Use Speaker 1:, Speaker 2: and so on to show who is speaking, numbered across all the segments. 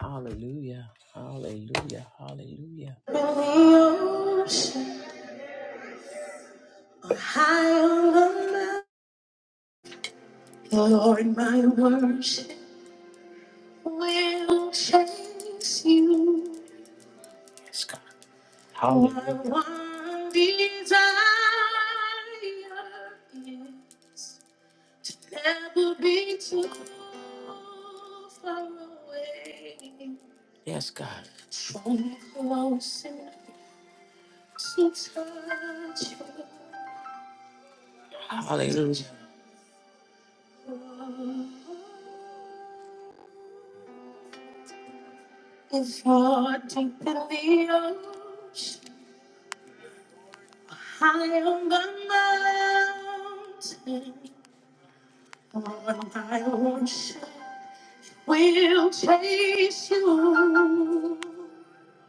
Speaker 1: Hallelujah. Hallelujah. Hallelujah. In the ocean, high on the mountain, Lord, my worship will chase you. Yes, God. Hallelujah. My one desire is to never be too far away. Yes, God. So close enough to touch you. Hallelujah. If you're It's hard to believe high on the mountain. Lord, I worship. will chase you.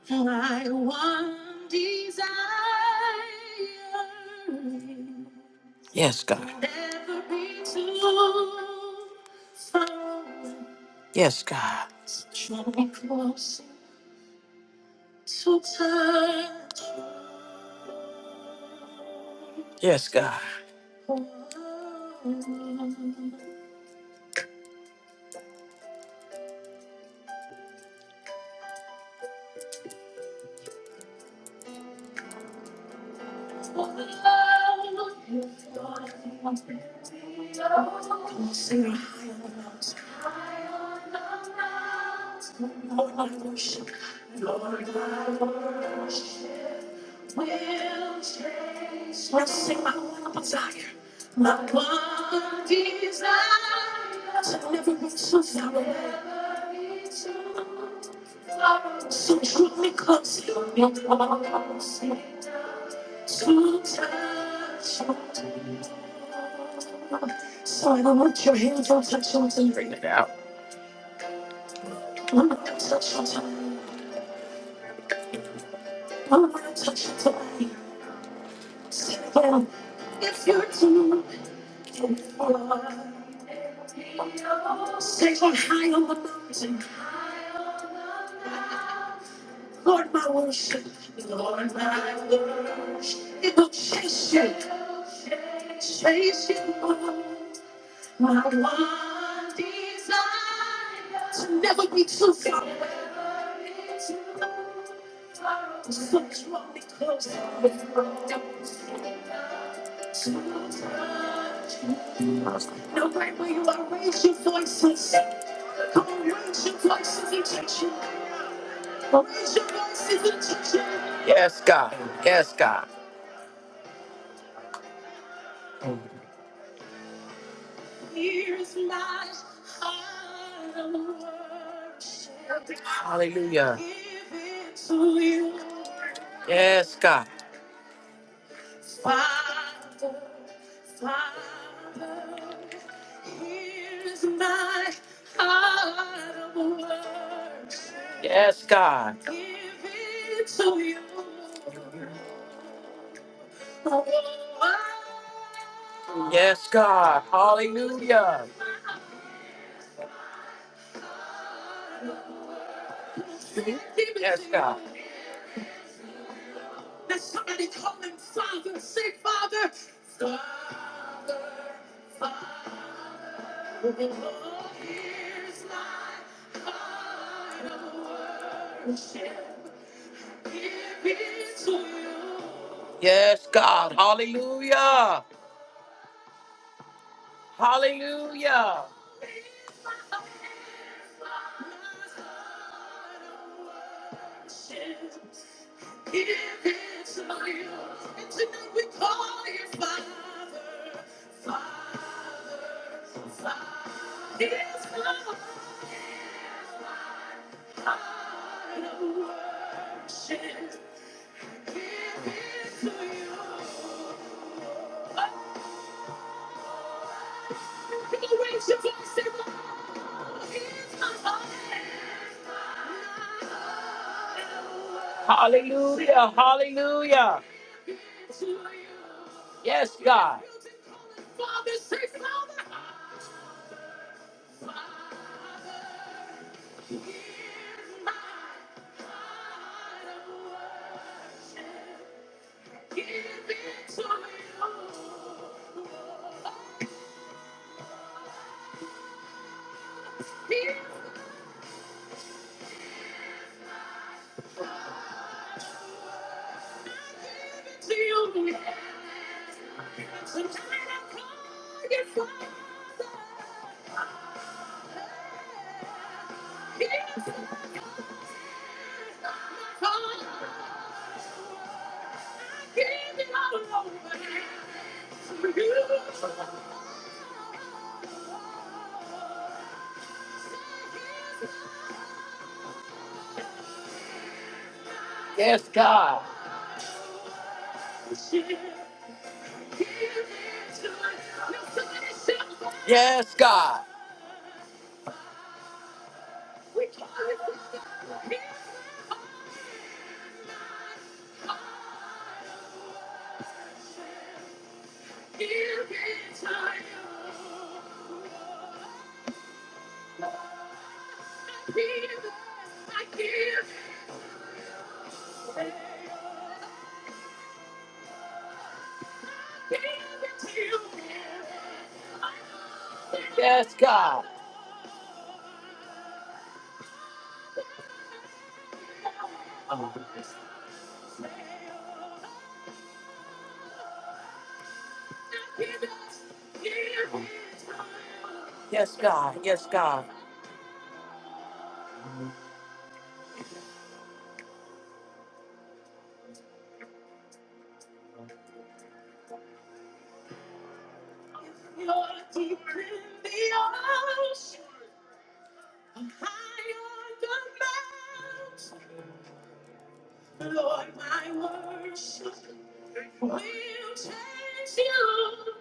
Speaker 1: My one desire. Yes, God. Never be too far away. Yes, God. Draw me closer to touch. you. Yes, God. you. Let's sing my one desire. My one desire to never be so far away. So draw me closer. Your love comes. So I don't want your hands on touch yours and Bring it out. I'm not gonna touch something. I'm not gonna touch something. Sit down. If you're too far. Stay on high on the mountain. Lord, my worship. Lord, my worship. It will chase you. Chase you. My one desire to never be too far away. So draw me closer. you touch you. No right where you are, raise your voices. Come on, raise your voices and touch you. Raise your voices and touch you. Yes, God. Yes, God. Here's my heart of worship. Hallelujah. Give it to you. Yes, God. Father, Father, here's my heart of worship. Yes, God. Give it to you. Yes, God. Hallelujah. Yes, God. Let somebody call him Father. Say, Father. Father, Father. Oh, here's my heart of worship. Give it to you. Yes, God. Hallelujah. Hallelujah. Hallelujah, hallelujah. Yes, God. Yes, God. Yes, God. Yes, God. Yes, God. Yes,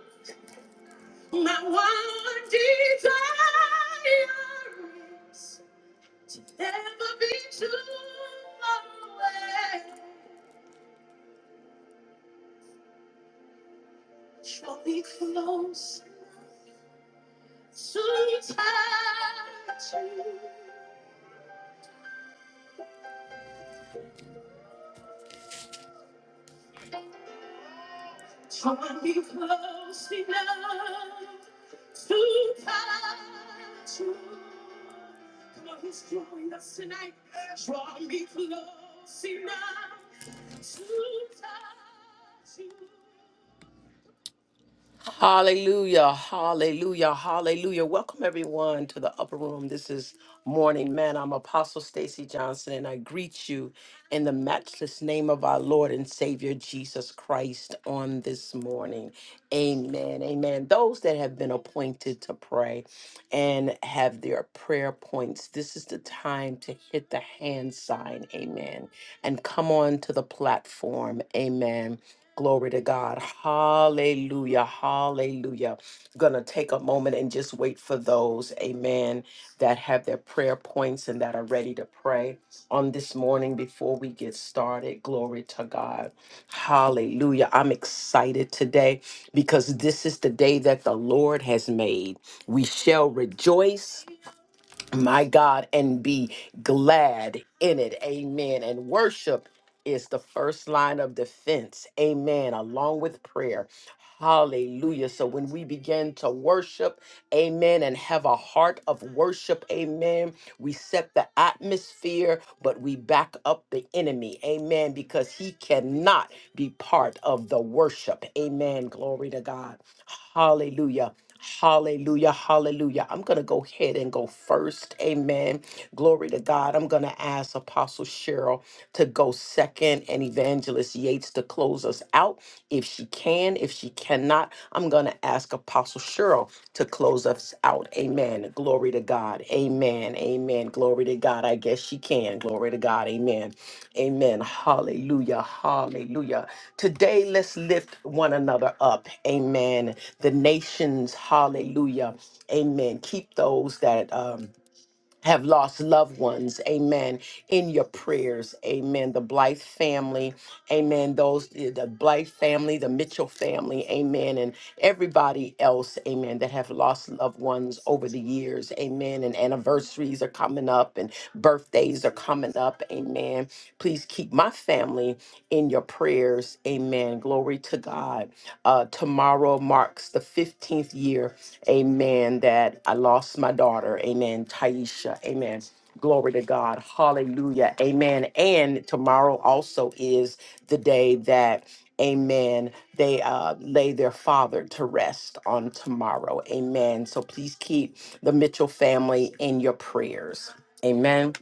Speaker 1: God. My one desire is to never be too far away. Draw me close to touch you. Draw me close enough to touch you. Come on, he's drawing us tonight. Draw me close enough to touch you. Hallelujah, hallelujah, hallelujah. Welcome everyone to the upper room. This is Morning Man. I'm Apostle Stacy Johnson and I greet you in the matchless name of our Lord and Savior Jesus Christ on this morning. Amen. Amen. Those that have been appointed to pray and have their prayer points, this is the time to hit the hand sign. Amen. And come on to the platform. Amen Glory to God. Hallelujah. Hallelujah. Going to take a moment and just wait for those, amen, that have their prayer points and that are ready to pray on this morning before we get started. Glory to God. Hallelujah. I'm excited today because this is the day that the Lord has made. We shall rejoice my God, and be glad in it. Amen. And worship is the first line of defense. Amen. Along with prayer. Hallelujah. So when we begin to worship, amen, and have a heart of worship, amen, we set the atmosphere, but we back up the enemy, amen, because he cannot be part of the worship. Amen. Glory to God. Hallelujah. Hallelujah, hallelujah. I'm going to go ahead and go first. Amen. Glory to God. I'm going to ask Apostle Cheryl to go second and Evangelist Yates to close us out if she can. If she cannot, I'm going to ask Apostle Cheryl to close us out. Amen. Glory to God. Amen. Amen. Glory to God. I guess she can. Glory to God. Amen. Amen. Hallelujah. Hallelujah. Today, let's lift one another up. Amen. The nations. Hallelujah. Amen. Keep those that. Um, have lost loved ones, amen, in your prayers, amen. The Blythe family, amen. Those, the the Blythe family, the Mitchell family, amen, and everybody else, amen, that have lost loved ones over the years, amen. And anniversaries are coming up and birthdays are coming up, amen. Please keep my family in your prayers, amen. Glory to God that uh, tomorrow marks the 15th year, amen, that I lost my daughter, amen, Taisha, amen. Glory to God. Hallelujah. Amen. And tomorrow also is the day that, amen, they uh, lay their father to rest on tomorrow. Amen. So please keep the Mitchell family in your prayers. Amen.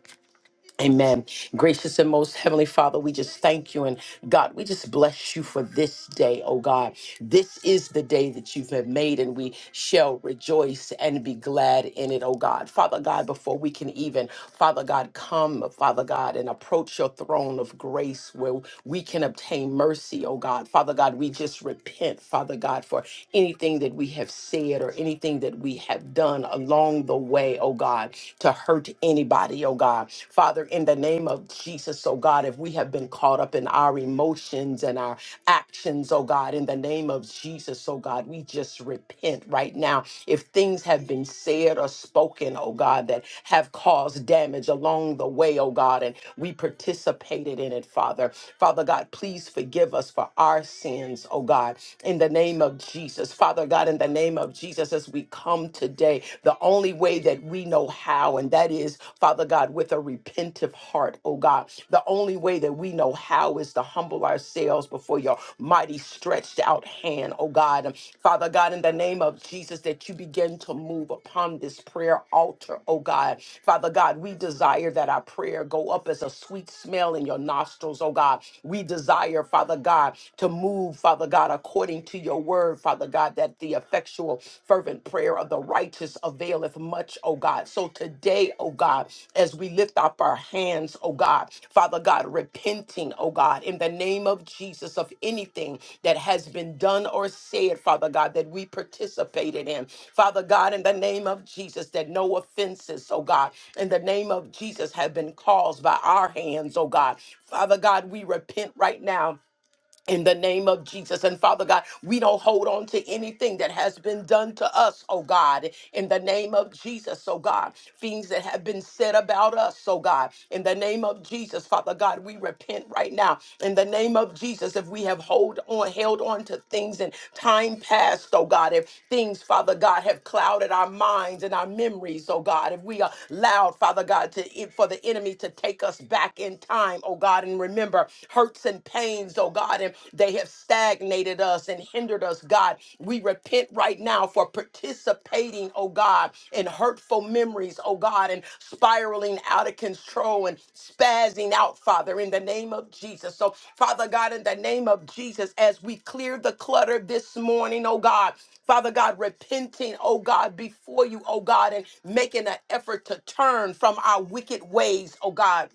Speaker 1: Amen. Gracious and most heavenly Father, we just thank you. And God, we just bless you for this day, oh God. This is the day that you have made, and we shall rejoice and be glad in it, oh God. Father God, before we can even, Father God, come, Father God, and approach your throne of grace where we can obtain mercy, oh God. Father God, we just repent, Father God, for anything that we have said or anything that we have done along the way, oh God. God, to hurt anybody, oh God. Father, in the name of Jesus, oh God, if we have been caught up in our emotions and our actions, oh God, in the name of Jesus, oh God, we just repent right now. If things have been said or spoken, oh God, that have caused damage along the way, oh God, and we participated in it, Father. Father God, please forgive us for our sins, oh God, in the name of Jesus. Father God, in the name of Jesus, as we as we come today the only way that we know how, and that is, Father God, with a repentive heart, oh God. The only way that we know how is to humble ourselves before your mighty stretched out hand, oh God. And Father God, in the name of Jesus, that you begin to move upon this prayer altar, oh God. Father God, we desire that our prayer go up as a sweet smell in your nostrils, oh God. We desire, Father God, to move, Father God, according to your your word, Father God, that the effectual, fervent prayer of the righteous availeth much, oh God. So today, oh God, as we lift up our hands, oh God, Father God, repenting, oh God, in the name of Jesus of anything that has been done or said, Father God, that we participated in. Father God, in the name of Jesus, that no offenses, oh God, in the name of Jesus have been caused by our hands, oh God. Father God, we repent right now in the name of Jesus. And Father God, we don't hold on to anything that has been done to us, oh God, in the name of Jesus, oh God. Things that have been said about us, oh God, in the name of Jesus, Father God, we repent right now. In the name of Jesus, if we have hold on, held on to things in time past, oh God, if things, Father God, have clouded our minds and our memories, oh God, if we allowed, Father God, to for the enemy to take us back in time, oh God, and remember remember hurts and pains, oh God, and they have stagnated us and hindered us, God. We repent right now for participating, oh God, in hurtful memories, oh God, and spiraling out of control and spazzing out, Father, in the name of Jesus. So, Father God, in the name of Jesus, as we clear the clutter this morning, oh God, Father God, repenting, oh God, before you, oh God, and making an effort to turn from our wicked ways, oh God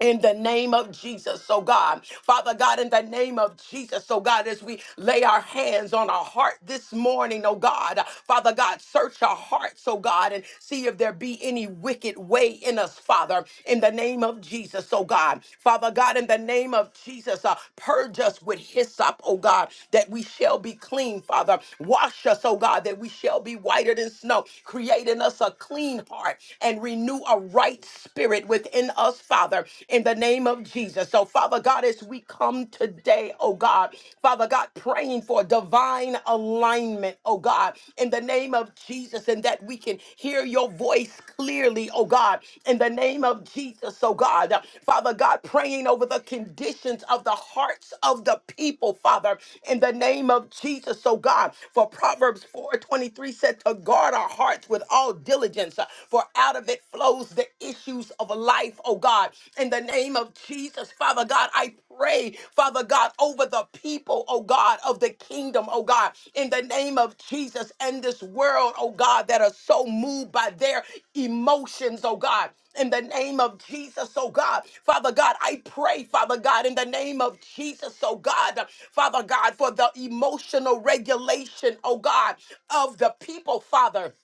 Speaker 1: in the name of Jesus, oh God. Father God, in the name of Jesus, oh God, as we lay our hands on our heart this morning, oh God, Father God, search our hearts, oh God, and see if there be any wicked way in us, Father, in the name of Jesus, oh God. Father God, in the name of Jesus, uh, purge us with hyssop, oh God, that we shall be clean, Father. Wash us, oh God, that we shall be whiter than snow. Create in us a clean heart and renew a right spirit within us, Father, in the name of Jesus. So, Father God, as we come today, oh God, Father God, praying for divine alignment, oh God, in the name of Jesus, and that we can hear your voice clearly, oh God, in the name of Jesus, oh God. Father God, praying over the conditions of the hearts of the people, Father, in the name of Jesus, oh God. For Proverbs 4:23 said to guard our hearts with all diligence, for out of it flows the issues of life, oh God. In the name of Jesus, Father God, I pray, Father God, over the people, oh God, of the kingdom, oh God, in the name of Jesus and this world, oh God, that are so moved by their emotions, oh God. In the name of Jesus, oh God. Father God, I pray, Father God, in the name of Jesus, oh God. Father God, for the emotional regulation, oh God, of the people, Father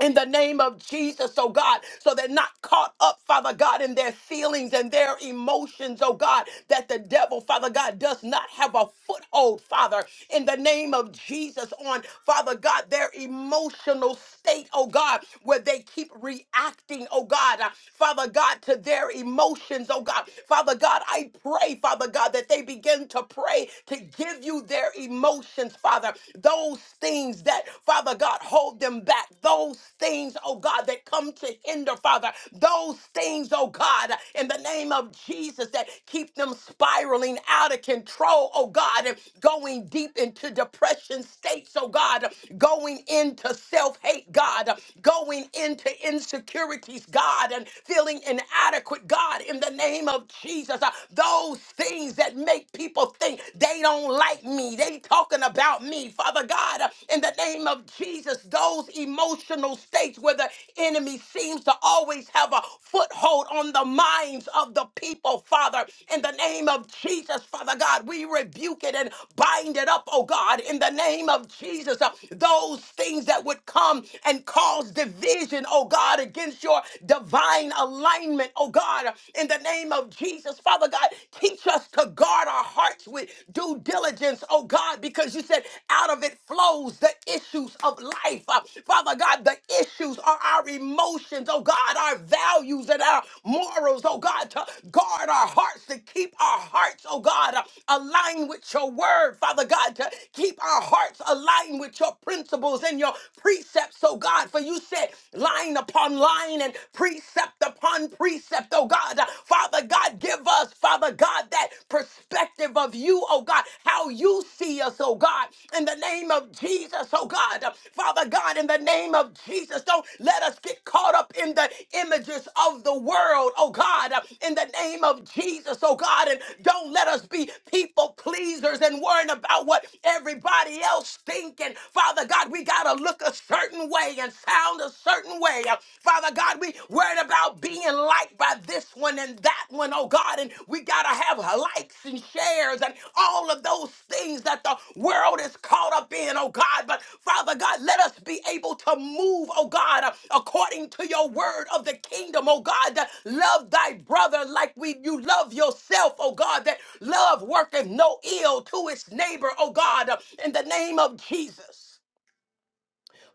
Speaker 1: in the name of Jesus, oh God, so they're not caught up, Father God, in their feelings and their emotions, oh God, that the devil, Father God, does not have a foothold, Father, in the name of Jesus, on, Father God, their emotional state, oh God, where they keep reacting, oh God, uh, Father God, to their emotions, oh God. Father God, I pray, Father God, that they begin to pray to give you their emotions, Father, those things that, Father God, hold them back, those things, oh God, that come to hinder, Father, those things, oh God, in the name of Jesus, that keep them spiraling out of control, oh God, and going deep into depression states, oh God, going into self hate, God, going into insecurities, God, and feeling inadequate, God, in the name of Jesus, Uh, those things that make people think they don't don't like me. They talking about me. Father God, uh, in the name of Jesus, those emotional states where the enemy seems to always have a foothold on the minds of the people, Father, in the name of Jesus, Father God, we rebuke it and bind it up, oh God, in the name of Jesus. Uh, Those things that would come and cause division, oh God, against your divine alignment, oh God, in the name of Jesus, Father God. God. Teach us to guard our hearts with due diligence, oh God, because you said out of it flows the issues of life. Uh, Father God, the issues are our emotions, oh God, our values and our morals, oh God, to guard our hearts, to keep our hearts, oh God, uh, aligned with your word, Father God, to keep our hearts aligned with your principles and your precepts, oh God, for you said line upon line and precept upon one precept, oh God. Father God, give us, Father God, that perspective of you, oh God, how you see us, oh God, in the name of Jesus, oh God. Father God, in the name of Jesus, don't let us get caught up in the images of the world, oh God, in the name of Jesus, oh God, and don't let us be people pleasers and worrying about what everybody else thinking. Father God, we got to look a certain way and sound a certain certain way. Uh, Father God, we worried about being liked by this one and that one, oh God, and we gotta have likes and shares and all of those things that the world is caught up in, oh God. But Father God, let us be able to move, oh God, uh, according to your word of the kingdom, oh God, that love thy brother like we you love yourself, oh God, that love worketh no ill to its neighbor, oh God, uh, in the name of Jesus.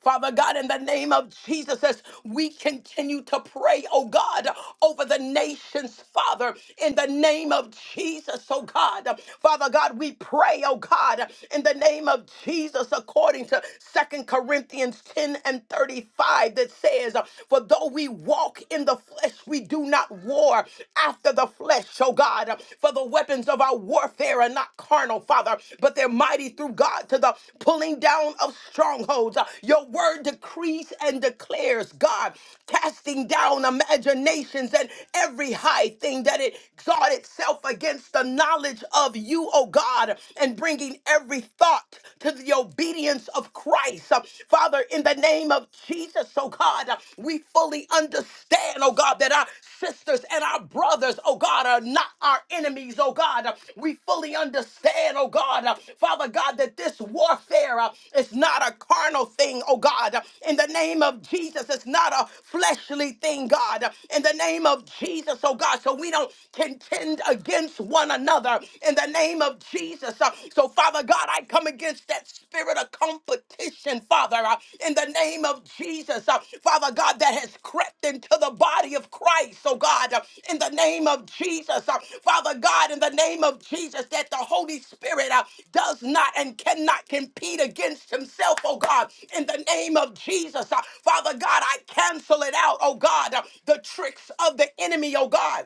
Speaker 1: Father God, in the name of Jesus, as we continue to pray, oh God, over the nations, Father, in the name of Jesus, oh God. Father God, we pray, oh God, in the name of Jesus, according to Second Corinthians 10 and 35, that says, For though we walk in the flesh, we do not war after the flesh, oh God. For the weapons of our warfare are not carnal, Father, but they're mighty through God to the pulling down of strongholds. Uh, Your word decrees and declares, God, casting down imaginations and every high thing that it exalt itself against the knowledge of you, O God, and bringing every thought to the obedience of Christ. Uh, Father, in the name of Jesus, O God, uh, we fully we understand, oh God, that our sisters and our brothers, oh God, are not our enemies, oh God. We fully understand, oh God, uh, Father God, that this warfare uh, is not a carnal thing, oh God. In the name of Jesus, it's not a fleshly thing, God. In the name of Jesus, oh God, so we don't contend against one another. In the name of Jesus. uh, So, Father God, I come against against that spirit of competition, Father, uh, in the name of Jesus, uh, Father God, that has crept into the body of Christ, oh God, uh, in the name of Jesus, uh, Father God, in the name of Jesus, that the Holy Spirit uh, does not and cannot compete against himself, oh God, in the name of Jesus, uh, Father God, I cancel it out, oh God, uh, the tricks of the enemy, oh God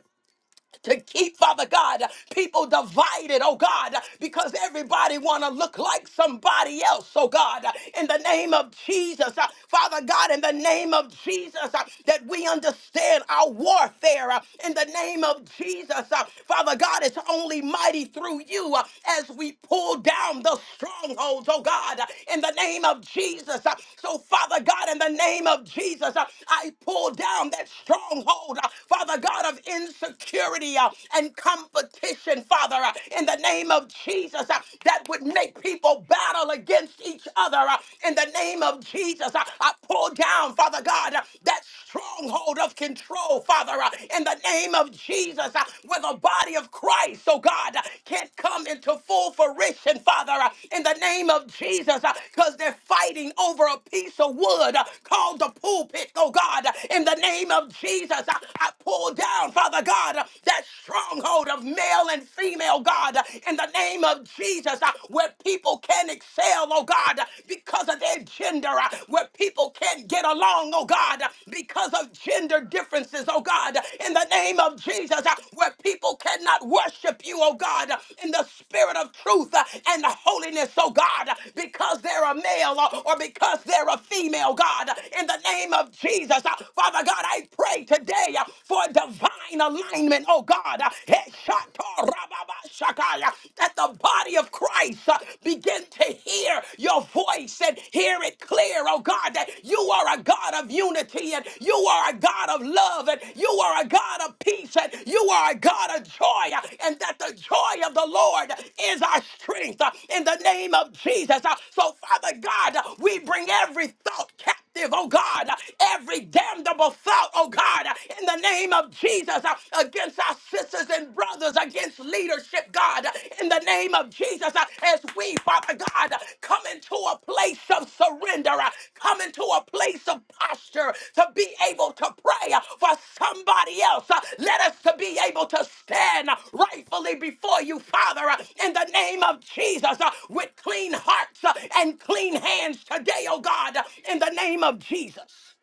Speaker 1: to keep, Father God, people divided, oh God, because everybody want to look like somebody else, oh God, in the name of Jesus, uh, Father God, in the name of Jesus, uh, that we understand our warfare, uh, in the name of Jesus, uh, Father God, it's only mighty through you uh, as we pull down the strongholds, oh God, uh, in the name of Jesus. uh, So, Father God, in the name of Jesus, uh, I pull down that stronghold, uh, Father God, of insecurity uh, and competition, Father, uh, in the name of Jesus, uh, that would make people battle against each other. uh, in the name of Jesus, uh, I pull down, Father God, uh, that stronghold of control, Father, uh, in the name of Jesus, uh, where the body of Christ, oh God, uh, can't come into full fruition, Father, uh, in the name of Jesus, because they're fighting over a piece of wood uh, called the pulpit, oh God, uh, in the name of Jesus. uh, I I pull down, Father God, that stronghold of male and female, God, in the name of Jesus, uh, where people can excel, oh God, because of their gender, uh, where people can't get along, oh God, because of gender differences, oh God, in the name of Jesus, uh, where people cannot worship you, oh God, in the spirit of truth uh, and holiness, oh God, because they're a male uh, or because they're a female, God, in the name of Jesus, uh, Father God, I pray pray today uh, for divine alignment, oh God, uh, Heshatarababashakaya, that the body of Christ uh, begin to hear your voice and hear it clear, oh God, that you are a God of unity and you are a God of love and you are a God of peace and you are a God of joy uh, and that the joy of the Lord is our strength uh, in the name of Jesus. Uh, So, Father God, uh, we bring every thought captive captive, oh God, every damnable thought, oh God, in the name of Jesus, uh, against our sisters and brothers, against leadership, God, in the name of Jesus, uh, as we, Father God, come into a place of surrender, uh, come into a place of the posture to be able to pray for somebody else. Uh, Let us to be able to stand rightfully before you, Father, uh, in the name of Jesus, uh, with clean hearts uh, and clean hands today, oh God, uh, in the name of Jesus.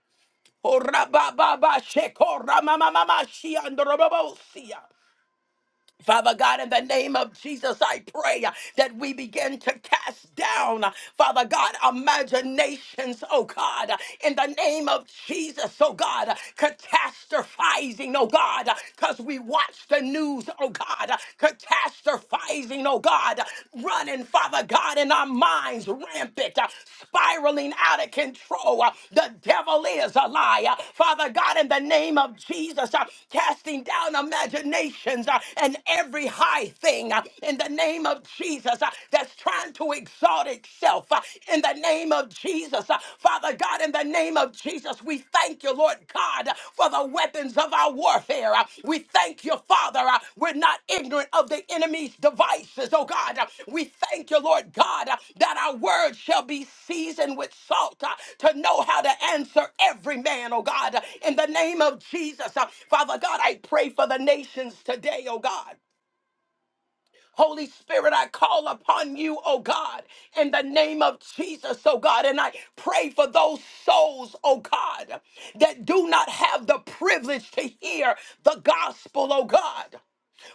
Speaker 1: Oh, rabba, ba, ba, sheko, rama, ma, ma, ma, shia, ndorobobo, sia. Father God, in the name of Jesus, I pray uh, that we begin to cast down, uh, Father God, imaginations, oh God, uh, in the name of Jesus, oh God, uh, catastrophizing, oh God, because we watch the news, oh God, uh, catastrophizing, oh God, uh, running, Father God, in our minds, rampant, uh, spiraling out of control. Uh, The devil is a liar. Father God, in the name of Jesus, uh, casting down imaginations uh, and every high thing uh, in the name of Jesus uh, that's trying to exalt itself uh, in the name of Jesus. Uh, Father God, in the name of Jesus, we thank you, Lord. Lord God, for the weapons of our warfare. We thank you, Father. We're not ignorant of the enemy's devices, oh God. We thank you, Lord God, that our words shall be seasoned with salt uh, to know how to answer every man, oh God. In the name of Jesus, uh, Father God, I pray for the nations today, oh God. Holy Spirit, I call upon you, oh God, in the name of Jesus, oh God. And I pray for those souls, oh God, that do not have the privilege to hear the gospel, oh God.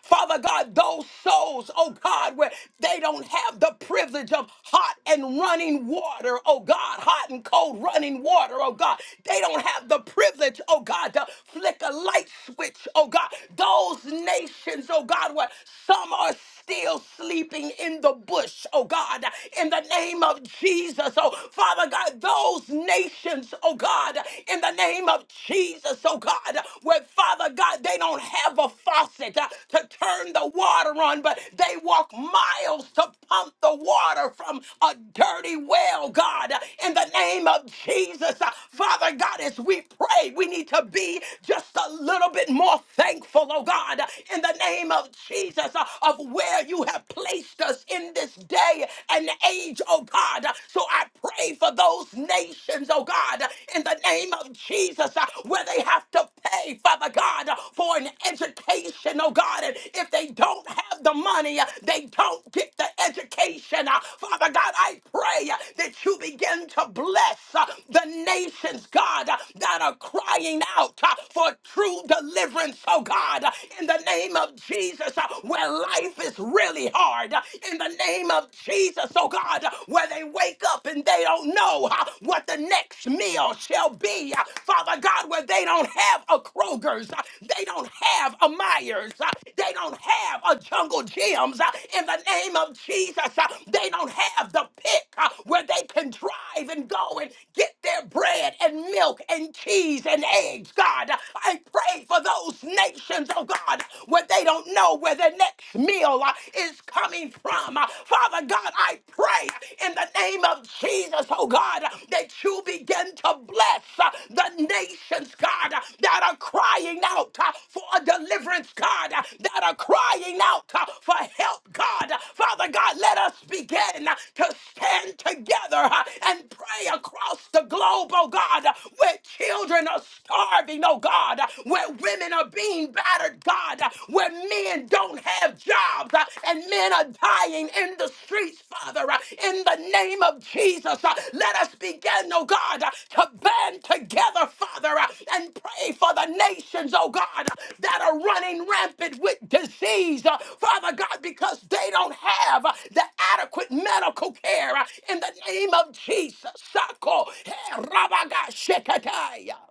Speaker 1: Father God, those souls, oh God, where they don't have the privilege of hot and running water, oh God, hot and cold running water, oh God. They don't have the privilege, oh God, to flick a light switch, oh God. Those nations, oh God, where some are still sleeping in the bush, oh God, in the name of Jesus, oh Father God, those nations, oh God, in the name of Jesus, oh God, where Father God, they don't have a faucet uh, to turn the water on, but they walk miles to pump the water from a dirty well, God, in the name of Jesus, uh, Father God, as we pray, we need to be just a little bit more thankful, oh God, in the name of Jesus, uh, of where you have placed us in this day and age, oh God. So I pray for those nations, oh God, in the name of Jesus, uh, where they have to pay, Father God, for an education, oh God. And if they don't have the money, uh, they don't get the education. Uh, Father God, I pray uh, that you begin to bless uh, the nations, God, uh, that are crying out uh, for true deliverance, oh God, in in the name of Jesus, uh, where life is really hard, uh, in the name of Jesus, oh God, uh, where they wake up and they don't know uh, what the next meal shall be, uh, Father God, where they don't have a Kroger's, uh, they don't have a Myers, uh, they don't have a Jungle Gyms, uh, in the name of Jesus, uh, they don't have the pick uh, where they can drive and go and get their bread and milk and cheese and eggs, God. I pray for those those nations, oh God, where they don't know where their next meal uh, is coming from. Uh, Father God, I pray in the name of Jesus, oh God, uh, that you begin to bless uh, the nations, God, uh, that are crying out uh, for a deliverance, God, uh, that are crying out uh, for help, God. Father God, let us begin uh, to stand together uh, and pray across the globe, oh God, uh, where children are starving, oh God. God, where women are being battered, God, where men don't have jobs uh, and men are dying in the streets, Father, uh, in the name of Jesus. uh, Let us begin, oh God, uh, to band together, Father, uh, and pray for the nations, oh God, uh, that are running rampant with disease, uh, Father God, because they don't have uh, the adequate medical care uh, in the name of Jesus. Sako, eh, Rabaga Shekataya.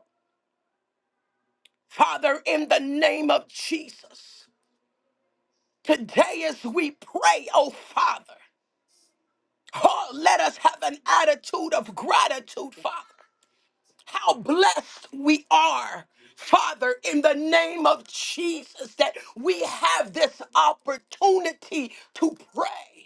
Speaker 1: Father, in the name of Jesus, today as we pray, oh Father, oh, let us have an attitude of gratitude, Father. How blessed we are, Father, in the name of Jesus, that we have this opportunity to pray.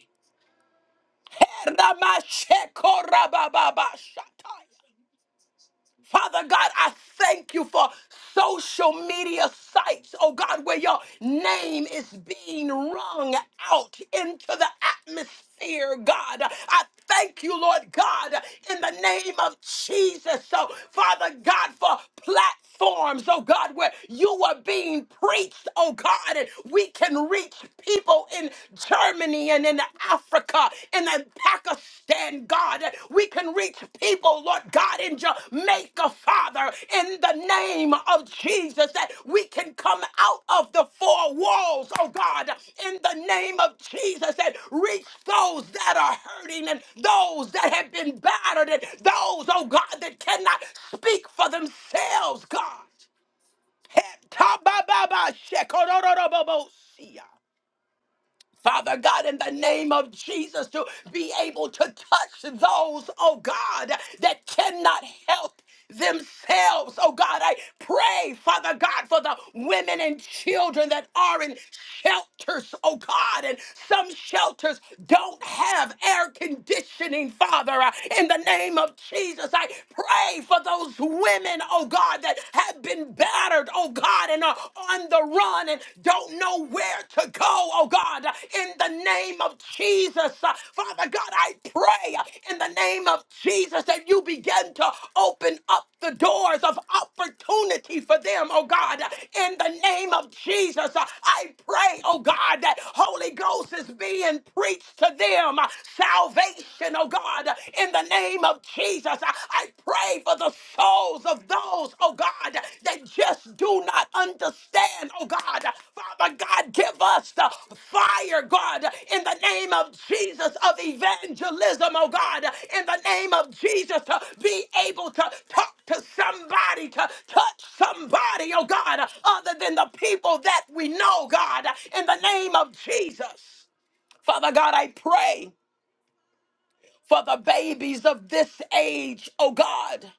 Speaker 1: Father God, I thank you for social media sites, oh God, where your name is being rung out into the atmosphere, God. I thank you, Lord God, in the name of Jesus. So, Father God, for platforms, oh God, where you are being preached, oh God, and we can reach people in Germany and and in Africa and in Pakistan, God. We can reach people, Lord God, in Jamaica, Father, in the name of Jesus, that we can come out of the four walls, oh God, in the name of Jesus, and reach those that are hurting and those that have been battered and those, oh God, that cannot speak for themselves, God. Heh, ta ba ba ba, shekorororobobosia. Father God, in the name of Jesus, to be able to touch those, oh God, that cannot help themselves. Oh God, I pray, Father God, for the women and children that are in shelters, oh God, and some shelters don't have air conditioning, Father. Uh, In the name of Jesus, I pray for those women, oh God, that have been battered scattered, oh God, and are on the run and don't know where to go, oh God, in the name of Jesus. Uh, Father God, I pray uh, in the name of Jesus that you begin to open up the doors of opportunity for them, oh God, in the name of Jesus. Uh, I pray, oh God, that Holy Ghost is being preached to them. Uh, Salvation, oh God, in the name of of Jesus, I I pray for the souls of those, oh God, that just do not understand, oh God. Father God, give us the fire, God, in the name of Jesus of evangelism, oh God, in the name of Jesus, to be able to talk to somebody, to touch somebody, oh God, other than the people that we know, God, in the name of Jesus. Father God, I pray for the babies of this age, oh God.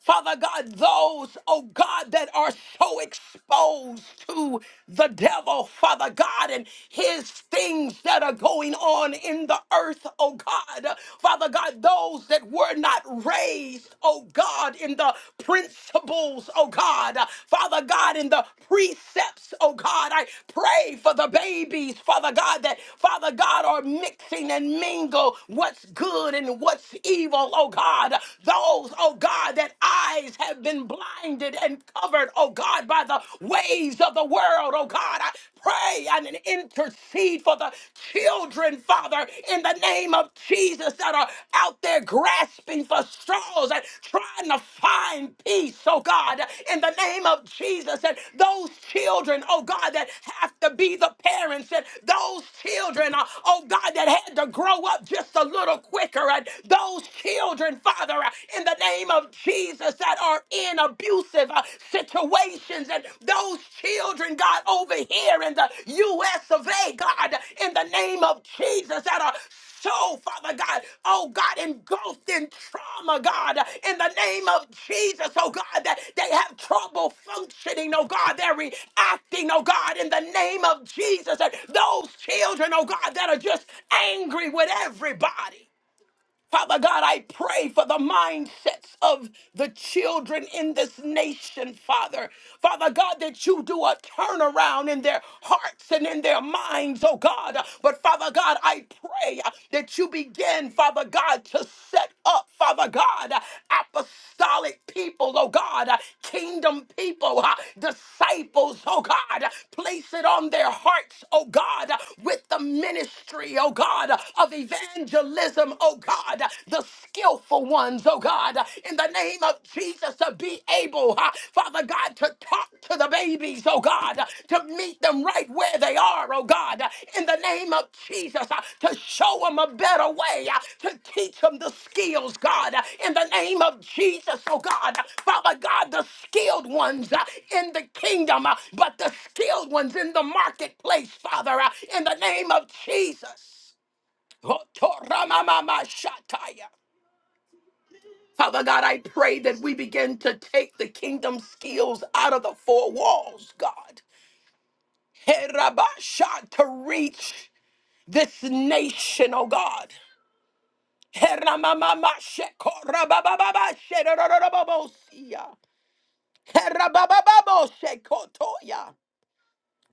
Speaker 1: Father God, those, oh God, that are so exposed to the devil, Father God, and his things that are going on in the earth, oh God. Father God, those that were not raised, oh God, in the principles, oh God. Father God, in the precepts, oh God. I pray for the babies, Father God, that, Father God, are mixing and mingle what's good and what's evil, oh God those, oh God, that eyes have been blinded and covered, oh God, by the ways of the world, oh God. I pray and intercede for the children, Father, in the name of Jesus that are out there grasping for straws and trying to find peace, oh God, in the name of Jesus. And those children, oh God, that have to be the parents, and those children, uh, oh God, that had to grow up just a little quicker, and those children, Father, uh, in the name of Jesus, that are in abusive uh, situations. And those children, God, over here in the U.S. of A., God, in the name of Jesus, that are so, Father God, oh God, engulfed in trauma, God, in the name of Jesus, oh God, that they have trouble functioning, oh God, they're reacting, oh God, in the name of Jesus, and those children, oh God, that are just angry with everybody. Father God, I pray for the mindsets of the children in this nation, Father. Father God, that you do a turnaround in their hearts and in their minds, oh God. But Father God, I pray that you begin, Father God, to set up, Father God, apostolic people, oh God, kingdom people, uh, disciples, oh God. Place it on their hearts, oh God, with the ministry, oh God, of evangelism evangelism, oh God, the skillful ones, oh God, in the name of Jesus, to be able, uh, Father God, to talk to the babies, oh God, to meet them right where they are, oh God, in the name of Jesus, uh, to show them a better way, uh, to teach them the skills, God, in the name of Jesus, oh God, Father God, the skilled ones uh, in the kingdom, uh, but the skilled ones in the marketplace, Father, uh, in the name of Jesus. Hotoramamamashataya. Father God, I pray that we begin to take the kingdom skills out of the four walls, God. Herabasha, To reach this nation, oh God. Heramamamashekorabababasherororobosia. Herababababoshekotoya.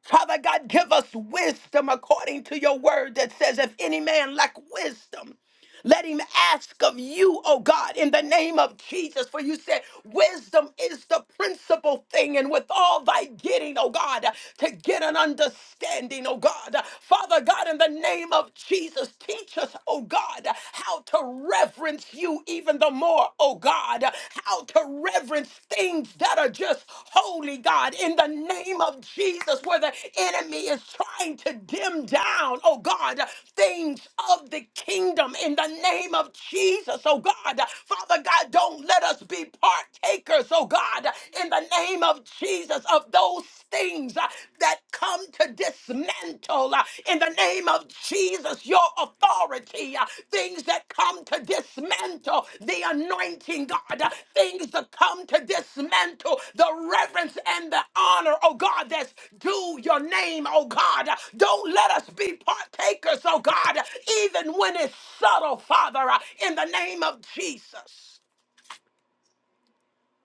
Speaker 1: Father God, give us wisdom according to your word that says, if any man lack wisdom, let him ask of you, oh God, in the name of Jesus. For you said, wisdom is the principal thing, and with all thy getting, oh God, to get an understanding, oh God. Father God, in the name of Jesus, teach us, oh God, how to reverence you even the more, oh God, how to reverence things that are just holy, God, in the name of Jesus, where the enemy is trying to dim down, oh God, things of the kingdom in the name of Jesus, oh God. Father God, don't let us be partakers, oh God, in the name of Jesus, of those things uh, that come to dismantle uh, in the name name of Jesus, your authority, uh, things that come to dismantle the anointing, God, uh, things that come to dismantle the reverence and the honor, oh God, that's due your name, oh God. Uh, Don't let us be partakers, oh God, uh, even when it's subtle, Father, uh, in the name of Jesus.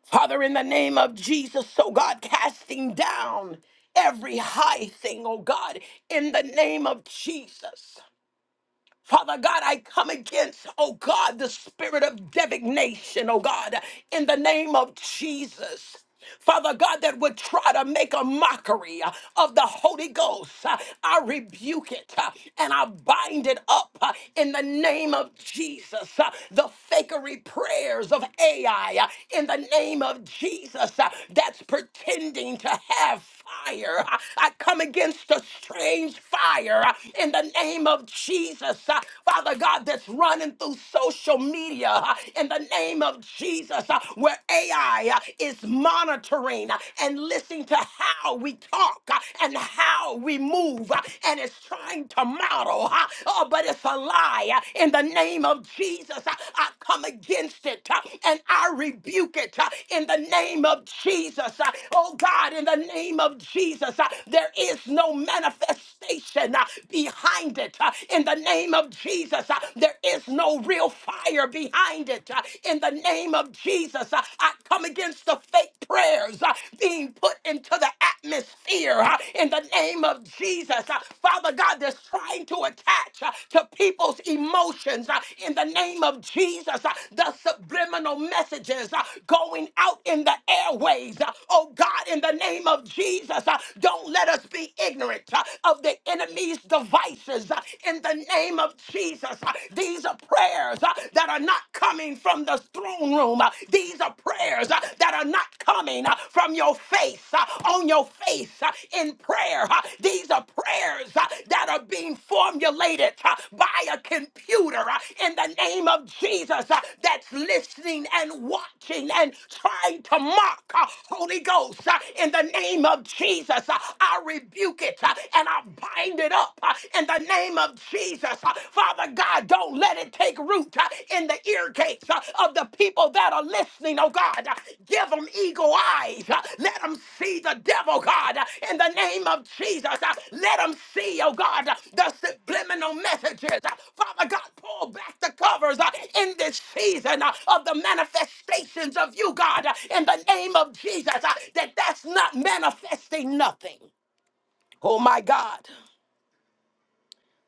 Speaker 1: Father, in the name of Jesus, oh God, casting down every high thing, oh God, in the name of Jesus. Father God, I come against, oh God, the spirit of divination, oh God, in the name of Jesus. Father God, that would try to make a mockery uh, of the Holy Ghost. Uh, I rebuke it uh, and I bind it up uh, in the name of Jesus. Uh, The fakery prayers of AI uh, in the name of Jesus uh, that's pretending to have fire. Uh, I come against the strange fire uh, in the name of of Jesus, uh, Father God, that's running through social media uh, in the name of Jesus, uh, where AI uh, is monitoring uh, and listening to how we talk uh, and how we move, uh, and it's trying to model, uh, oh, but it's a lie. uh, In the name of Jesus, uh, I come against it uh, and I rebuke it uh, in the name of Jesus. uh, Oh God, in the name of Jesus, uh, there is no manifestation manifestation behind it uh, in the name of Jesus. Uh, There is no real fire behind it uh, in the name of Jesus. Uh, I come against the fake prayers uh, being put into the atmosphere uh, in the name of Jesus. Uh, Father God, that's trying to attach uh, to people's emotions uh, in the name of Jesus. Uh, The subliminal messages uh, going out in the airways. uh, Oh God, in the name of Jesus, uh, don't let us be ignorant uh, of the the enemy's devices uh, in the name of Jesus. Uh, These are prayers uh, that are not coming from the throne room. Uh, These are prayers uh, that are not coming uh, from your face, uh, on your face uh, in prayer. Uh, These are prayers uh, that are being formulated uh, by a computer uh, in the name of Jesus uh, that's listening and watching and trying to mock uh, Holy Ghost uh, in the name of Jesus. Uh, I rebuke it it uh, and I bind it up uh, in the name of Jesus. Uh, Father God, don't let it take root uh, in the ear gates uh, of the people that are listening, oh God. Uh, Give them eagle eyes. Uh, Let them see the devil, God, uh, in the name of Jesus. Uh, Let them see, oh God, uh, the subliminal messages. Uh, Father God, pull back the covers uh, in this season uh, of the manifestations of you, God, uh, in the name of Jesus, uh, that that's not manifesting nothing. Oh my God.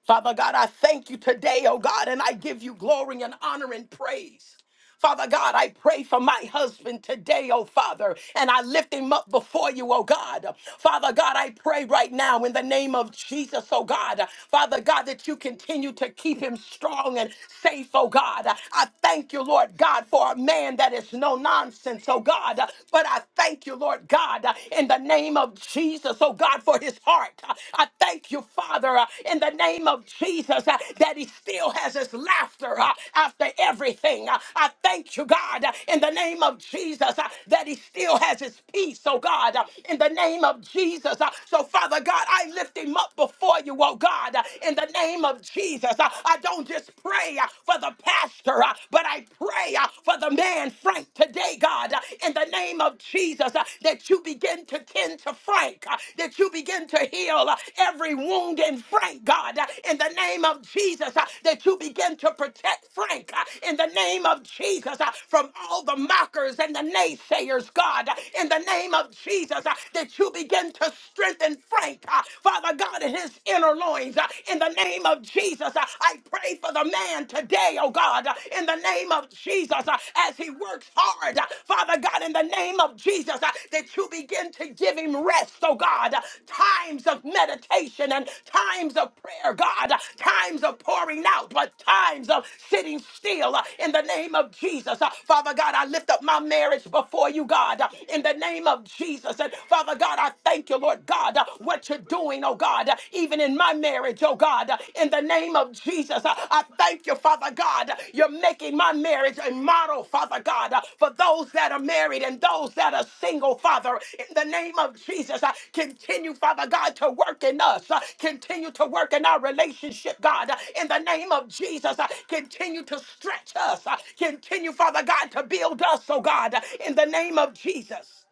Speaker 1: Father God, I thank you today, oh God, and I give you glory and honor and praise. Father God, I pray for my husband today, oh Father, and I lift him up before you, oh God. Father God, I pray right now in the name of Jesus, oh God. Father God, that you continue to keep him strong and safe, oh God. I thank you, Lord God, for a man that is no nonsense, oh God. But I thank you, Lord God, in the name of Jesus, oh God, for his heart. I thank you, Father, uh, in the name of Jesus, uh, that he still has his laughter uh, after everything. Uh, I thank you, God, uh, in the name of Jesus, uh, that he still has his peace, oh God, uh, in the name of Jesus. Uh, So, Father God, I lift him up before you, oh God, uh, in the name of Jesus. Uh, I don't just pray uh, for the pastor, uh, but I pray uh, for the man, Frank, today today, God, uh, in the name of Jesus, uh, that you begin to tend to Frank, uh, that you begin to heal uh, every wound in Frank, God, uh, in the name of Jesus, uh, that you begin to protect Frank, uh, in the name of Jesus, uh, from all the mockers and the naysayers, God, uh, in the name of Jesus, uh, that you begin to strengthen Frank, uh, Father God, in his inner loins, uh, in the name of Jesus, uh, I pray for the man today, oh God, uh, in the name of Jesus, uh, as he works hard, uh, Father God, in the name of Jesus, uh, that you begin to give him rest, oh God, uh, times of meditation and times of prayer, God, uh, times of pouring out, but times of sitting still uh, in the name of Jesus. Uh, Father God, I lift up my marriage before you, God, uh, in the name of Jesus. And Father God, I thank you, Lord God, uh, what you're doing, oh God. God, uh, even in my marriage, oh God, uh, in the name of Jesus. Uh, I thank you, Father God. uh, You're making my marriage a model, Father God, uh, for those that are married and those that are single, Father. In the name of Jesus, uh, continue, Father God, to work in us. uh, Continue to work in our relationship, God. Uh, In the name of Jesus, uh, continue to stretch us. uh, Continue, Father God, to build us, oh God. uh, In the name of Jesus.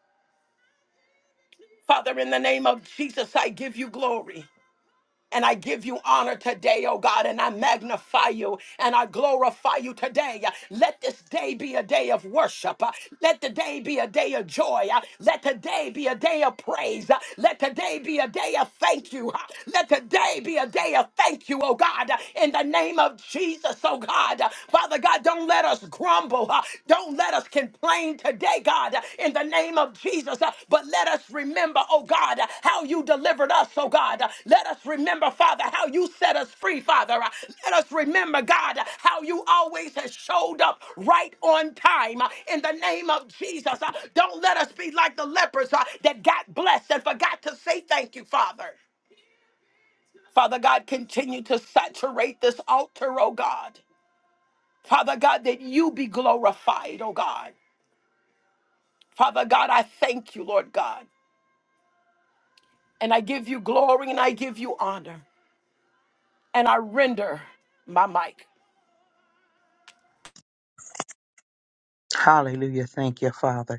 Speaker 1: Father, in the name of Jesus, I give you glory. And I give you honor today, oh God, and I magnify you and I glorify you today. Let this day be a day of worship. Uh, Let the day be a day of joy. Uh, Let today be a day of praise. Uh, Let today be a day of thank you. Uh, Let today be a day of thank you, oh God, uh, in the name of Jesus, oh God. Uh, Father God, don't let us grumble. Uh, Don't let us complain today, God, in the name of Jesus. But let us remember, oh God, how you delivered us, oh God. Let us remember, Father, how you set us free, Father. Let us remember, God, how you always has showed up right on time in the name of Jesus. Don't let us be like the lepers uh, that got blessed and forgot to say thank you, Father. Father God, continue to saturate this altar, oh God. Father God, that you be glorified, oh God. Father God, I thank you, Lord God, and I give you glory and I give you honor, and I render my mic.
Speaker 2: Hallelujah. Thank you, Father.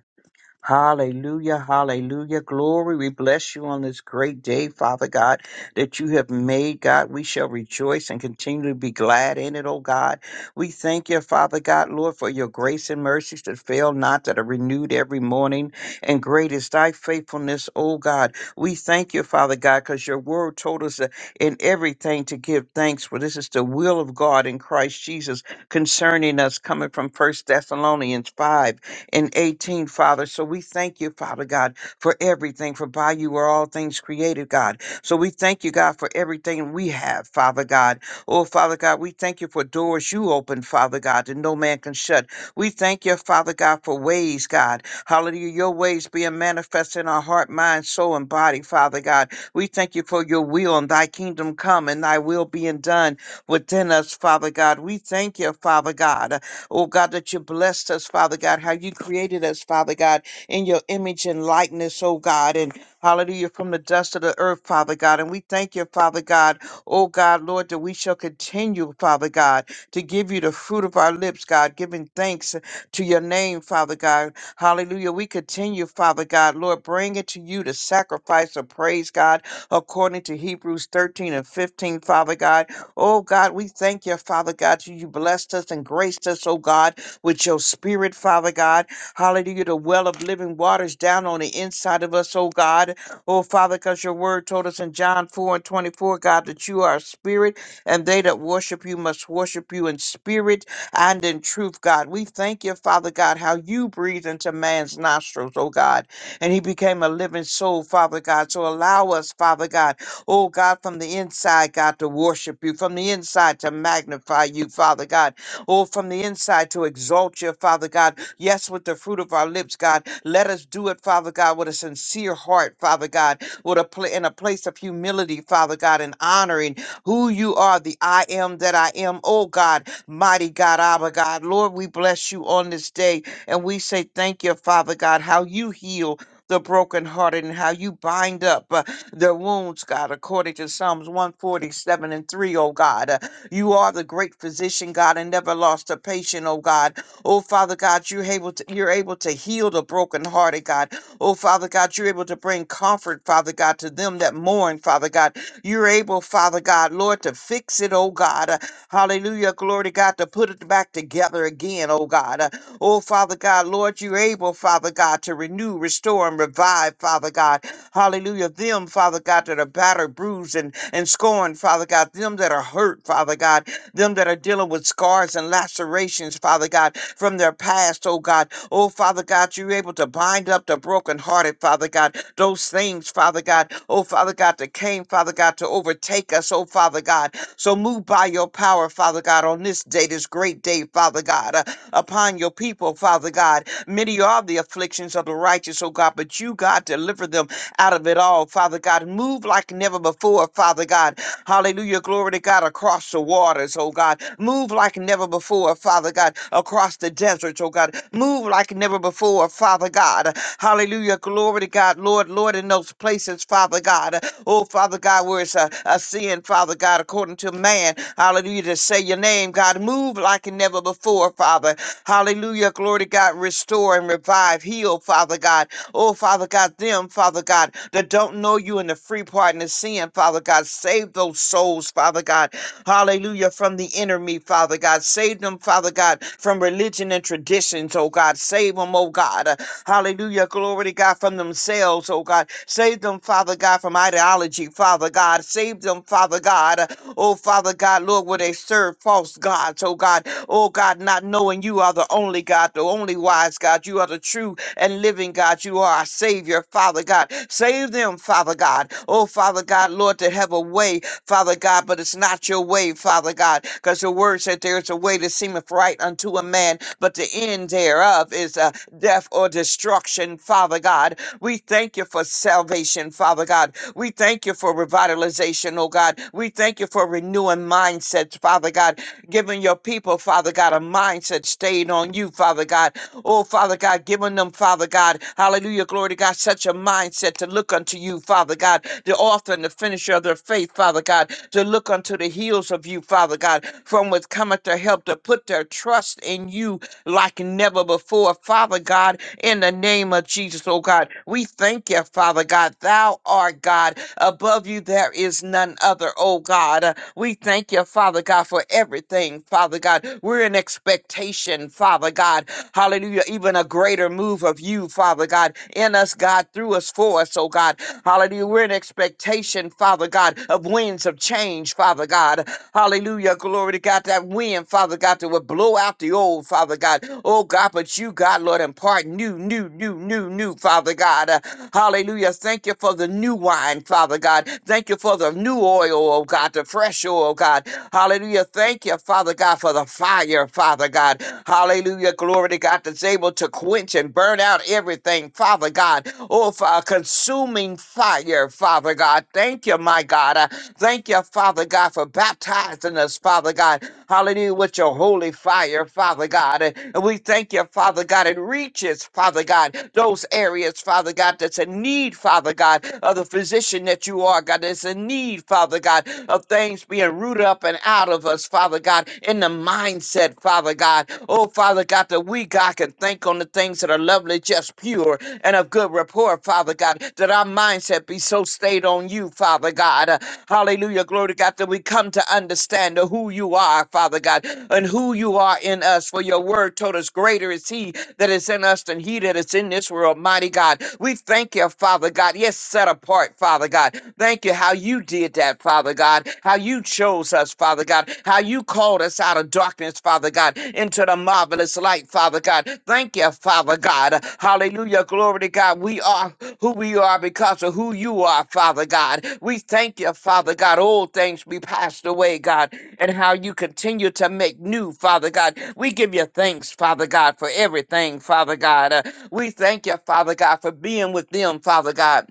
Speaker 2: Hallelujah, hallelujah. Glory, we bless you on this great day, Father God, that you have made, God. We shall rejoice and continue to be glad in it, oh God. We thank you, Father God, Lord, for your grace and mercies that fail not, that are renewed every morning. And great is thy faithfulness, oh God. We thank you, Father God, because your word told us that in everything to give thanks, for this is the will of God in Christ Jesus concerning us, coming from First Thessalonians 5 and 18, Father. So we thank you, Father God, for everything, for by you are all things created, God. So we thank you, God, for everything we have, Father God. Oh, Father God, we thank you for doors you open, Father God, that no man can shut. We thank you, Father God, for ways, God. Hallelujah, your ways being manifest in our heart, mind, soul, and body, Father God. We thank you for your will and thy kingdom come and thy will being done within us, Father God. We thank you, Father God. Oh God, that you blessed us, Father God, how you created us, Father God, in your image and likeness, oh God, and hallelujah, from the dust of the earth, Father God. And we thank you, Father God, oh God, Lord, that we shall continue, Father God, to give you the fruit of our lips, God, giving thanks to your name, Father God. Hallelujah. We continue, Father God, Lord, bring it to you the sacrifice of praise, God, according to Hebrews 13 and 15, Father God. Oh God, we thank you, Father God. You you blessed us and graced us, oh God, with your spirit, Father God. Hallelujah. The well of living waters down on the inside of us, oh God. Oh Father, because your word told us in John 4 and 24, God, that you are a spirit, and they that worship you must worship you in spirit and in truth, God. We thank you, Father God, how you breathe into man's nostrils, oh God. And he became a living soul, Father God. So allow us, Father God. Oh God, from the inside, God, to worship you, from the inside to magnify you, Father God. Oh, from the inside to exalt you, Father God. Yes, with the fruit of our lips, God. Let us do it, Father God, with a sincere heart, Father God, with a pla- in a place of humility, Father God, and honoring who you are, the I am that I am. Oh God, mighty God, Abba God. Lord, we bless you on this day and we say thank you, Father God, how you heal the brokenhearted and how you bind up. uh, their wounds, God, according to Psalms 147 and 3, oh God. Uh, You are the great physician, God, and never lost a patient, oh God. Oh Father God, you're able to you're able to heal the brokenhearted, God. Oh Father God, you're able to bring comfort, Father God, to them that mourn, Father God. You're able, Father God, Lord, to fix it, oh God. Uh, Hallelujah, glory to God, to put it back together again, oh God. Uh, Oh Father God, Lord, you're able, Father God, to renew, restore, and revive, Father God. Hallelujah. Them, Father God, that are battered, bruised, and, and scorned, Father God. Them that are hurt, Father God them that are dealing with scars and lacerations, Father God, from their past, oh God. Oh, Father God, you're able to bind up the brokenhearted, Father God. Those things, Father God, oh, Father God, that came, Father God, to overtake us, oh, Father God. So move by your power, Father God, on this day, this great day, Father God, uh, upon your people, Father God. Many are the afflictions of the righteous, oh God, but you, God, deliver them out of it all, now, Father God. Move like never before, Father God. Hallelujah. Glory to God across the waters, oh God. Move like never before, Father God, across the deserts, oh God. Move like never before, Father God. Hallelujah. Glory to God, Lord, Lord, in those places, Father God. Oh, Father God, where it's a, a sin, Father God, according to man. Hallelujah. To say your name, God. Move like never before, Father. Hallelujah. Glory. to Glory God, restore and revive, heal, Father God. Oh, Father God, them, Father God, that don't know you in the free pardon of sin, Father God. Save those souls, Father God. Hallelujah, from the enemy, Father God. Save them, Father God, from religion and traditions, oh God. Save them, oh God. Uh, Hallelujah, glory to God, from themselves, oh God. Save them, Father God, from ideology, Father God. Save them, Father God. uh, Oh, Father. Father God, Lord, where they serve false gods, oh God, oh God, not knowing you are the only God, the only wise God. You are the true and living God. You are our Savior, Father God. Save them, Father God. Oh, Father God, Lord, to have a way, Father God, but it's not your way, Father God, because your word said there is a way that seemeth right unto a man, but the end thereof is uh, death or destruction, Father God. We thank you for for salvation, Father God. We thank you for revitalization, oh God. We thank you for renewing mindsets, Father God, giving your people, Father God, a mindset stayed on you, Father God. Oh, Father God, giving them, Father God, hallelujah, glory to God, such a mindset to look unto you, Father God, the author and the finisher of their faith, Father God, to look unto the heels of you, Father God, from which cometh their help, to put their trust in you, like never before. Father God, in the name of Jesus, oh God, we thank you, Father God. Thou art God. Above you there is none other, oh God. Uh, We thank you, Father God, for everything, Father God. We're in expectation, Father God. Hallelujah. Even a greater move of you, Father God, in us, God, through us, for us, oh God. Hallelujah. We're in expectation, Father God, of winds of change, Father God. Hallelujah. Glory to God. That wind, Father God, that will blow out out the old, Father God. Oh God, but you, God, Lord, impart new, new, new, new, new, Father God. Uh, hallelujah. Thank you for the new wine, Father God. Thank you for the new oil, oh God, the fresh oil, God. Hallelujah. Thank you, Father God, for the fire, Father God. Hallelujah. Glory to God that's able to quench and burn out everything, Father God. Oh, for consuming fire, Father God. Thank you, my God. Uh, Thank you, Father God, for baptizing us, Father God. Hallelujah. With your your holy fire, Father God. And we thank you, Father God. It reaches, Father God, those areas, Father God, that's in need, Father God, of the physician that you are, God. That's in need, Father God, of things being rooted up and out of us, Father God, in the mindset, Father God. Oh, Father God, that we, God, can think on the things that are lovely, just pure, and of good rapport, Father God, that our mindset be so stayed on you, Father God. Uh, Hallelujah. Glory to God, that we come to understand who you are are, Father God, and who you are in us. For your word told us, Greater is he that is in us than he that is in this world, mighty God. We thank you, Father God. Yes, set apart, Father God. Thank you how you did that, Father God. How you chose us, Father God. How you called us out of darkness, Father God, into the marvelous light, Father God. Thank you, Father God. Hallelujah. Glory to God. We are who we are because of who you are, Father God. We thank you, Father God. Old things be passed away, God and how you continue to make new, Father God. We give you thanks, Father God, for everything, Father God. Uh, we thank you, Father God, for being with them, Father God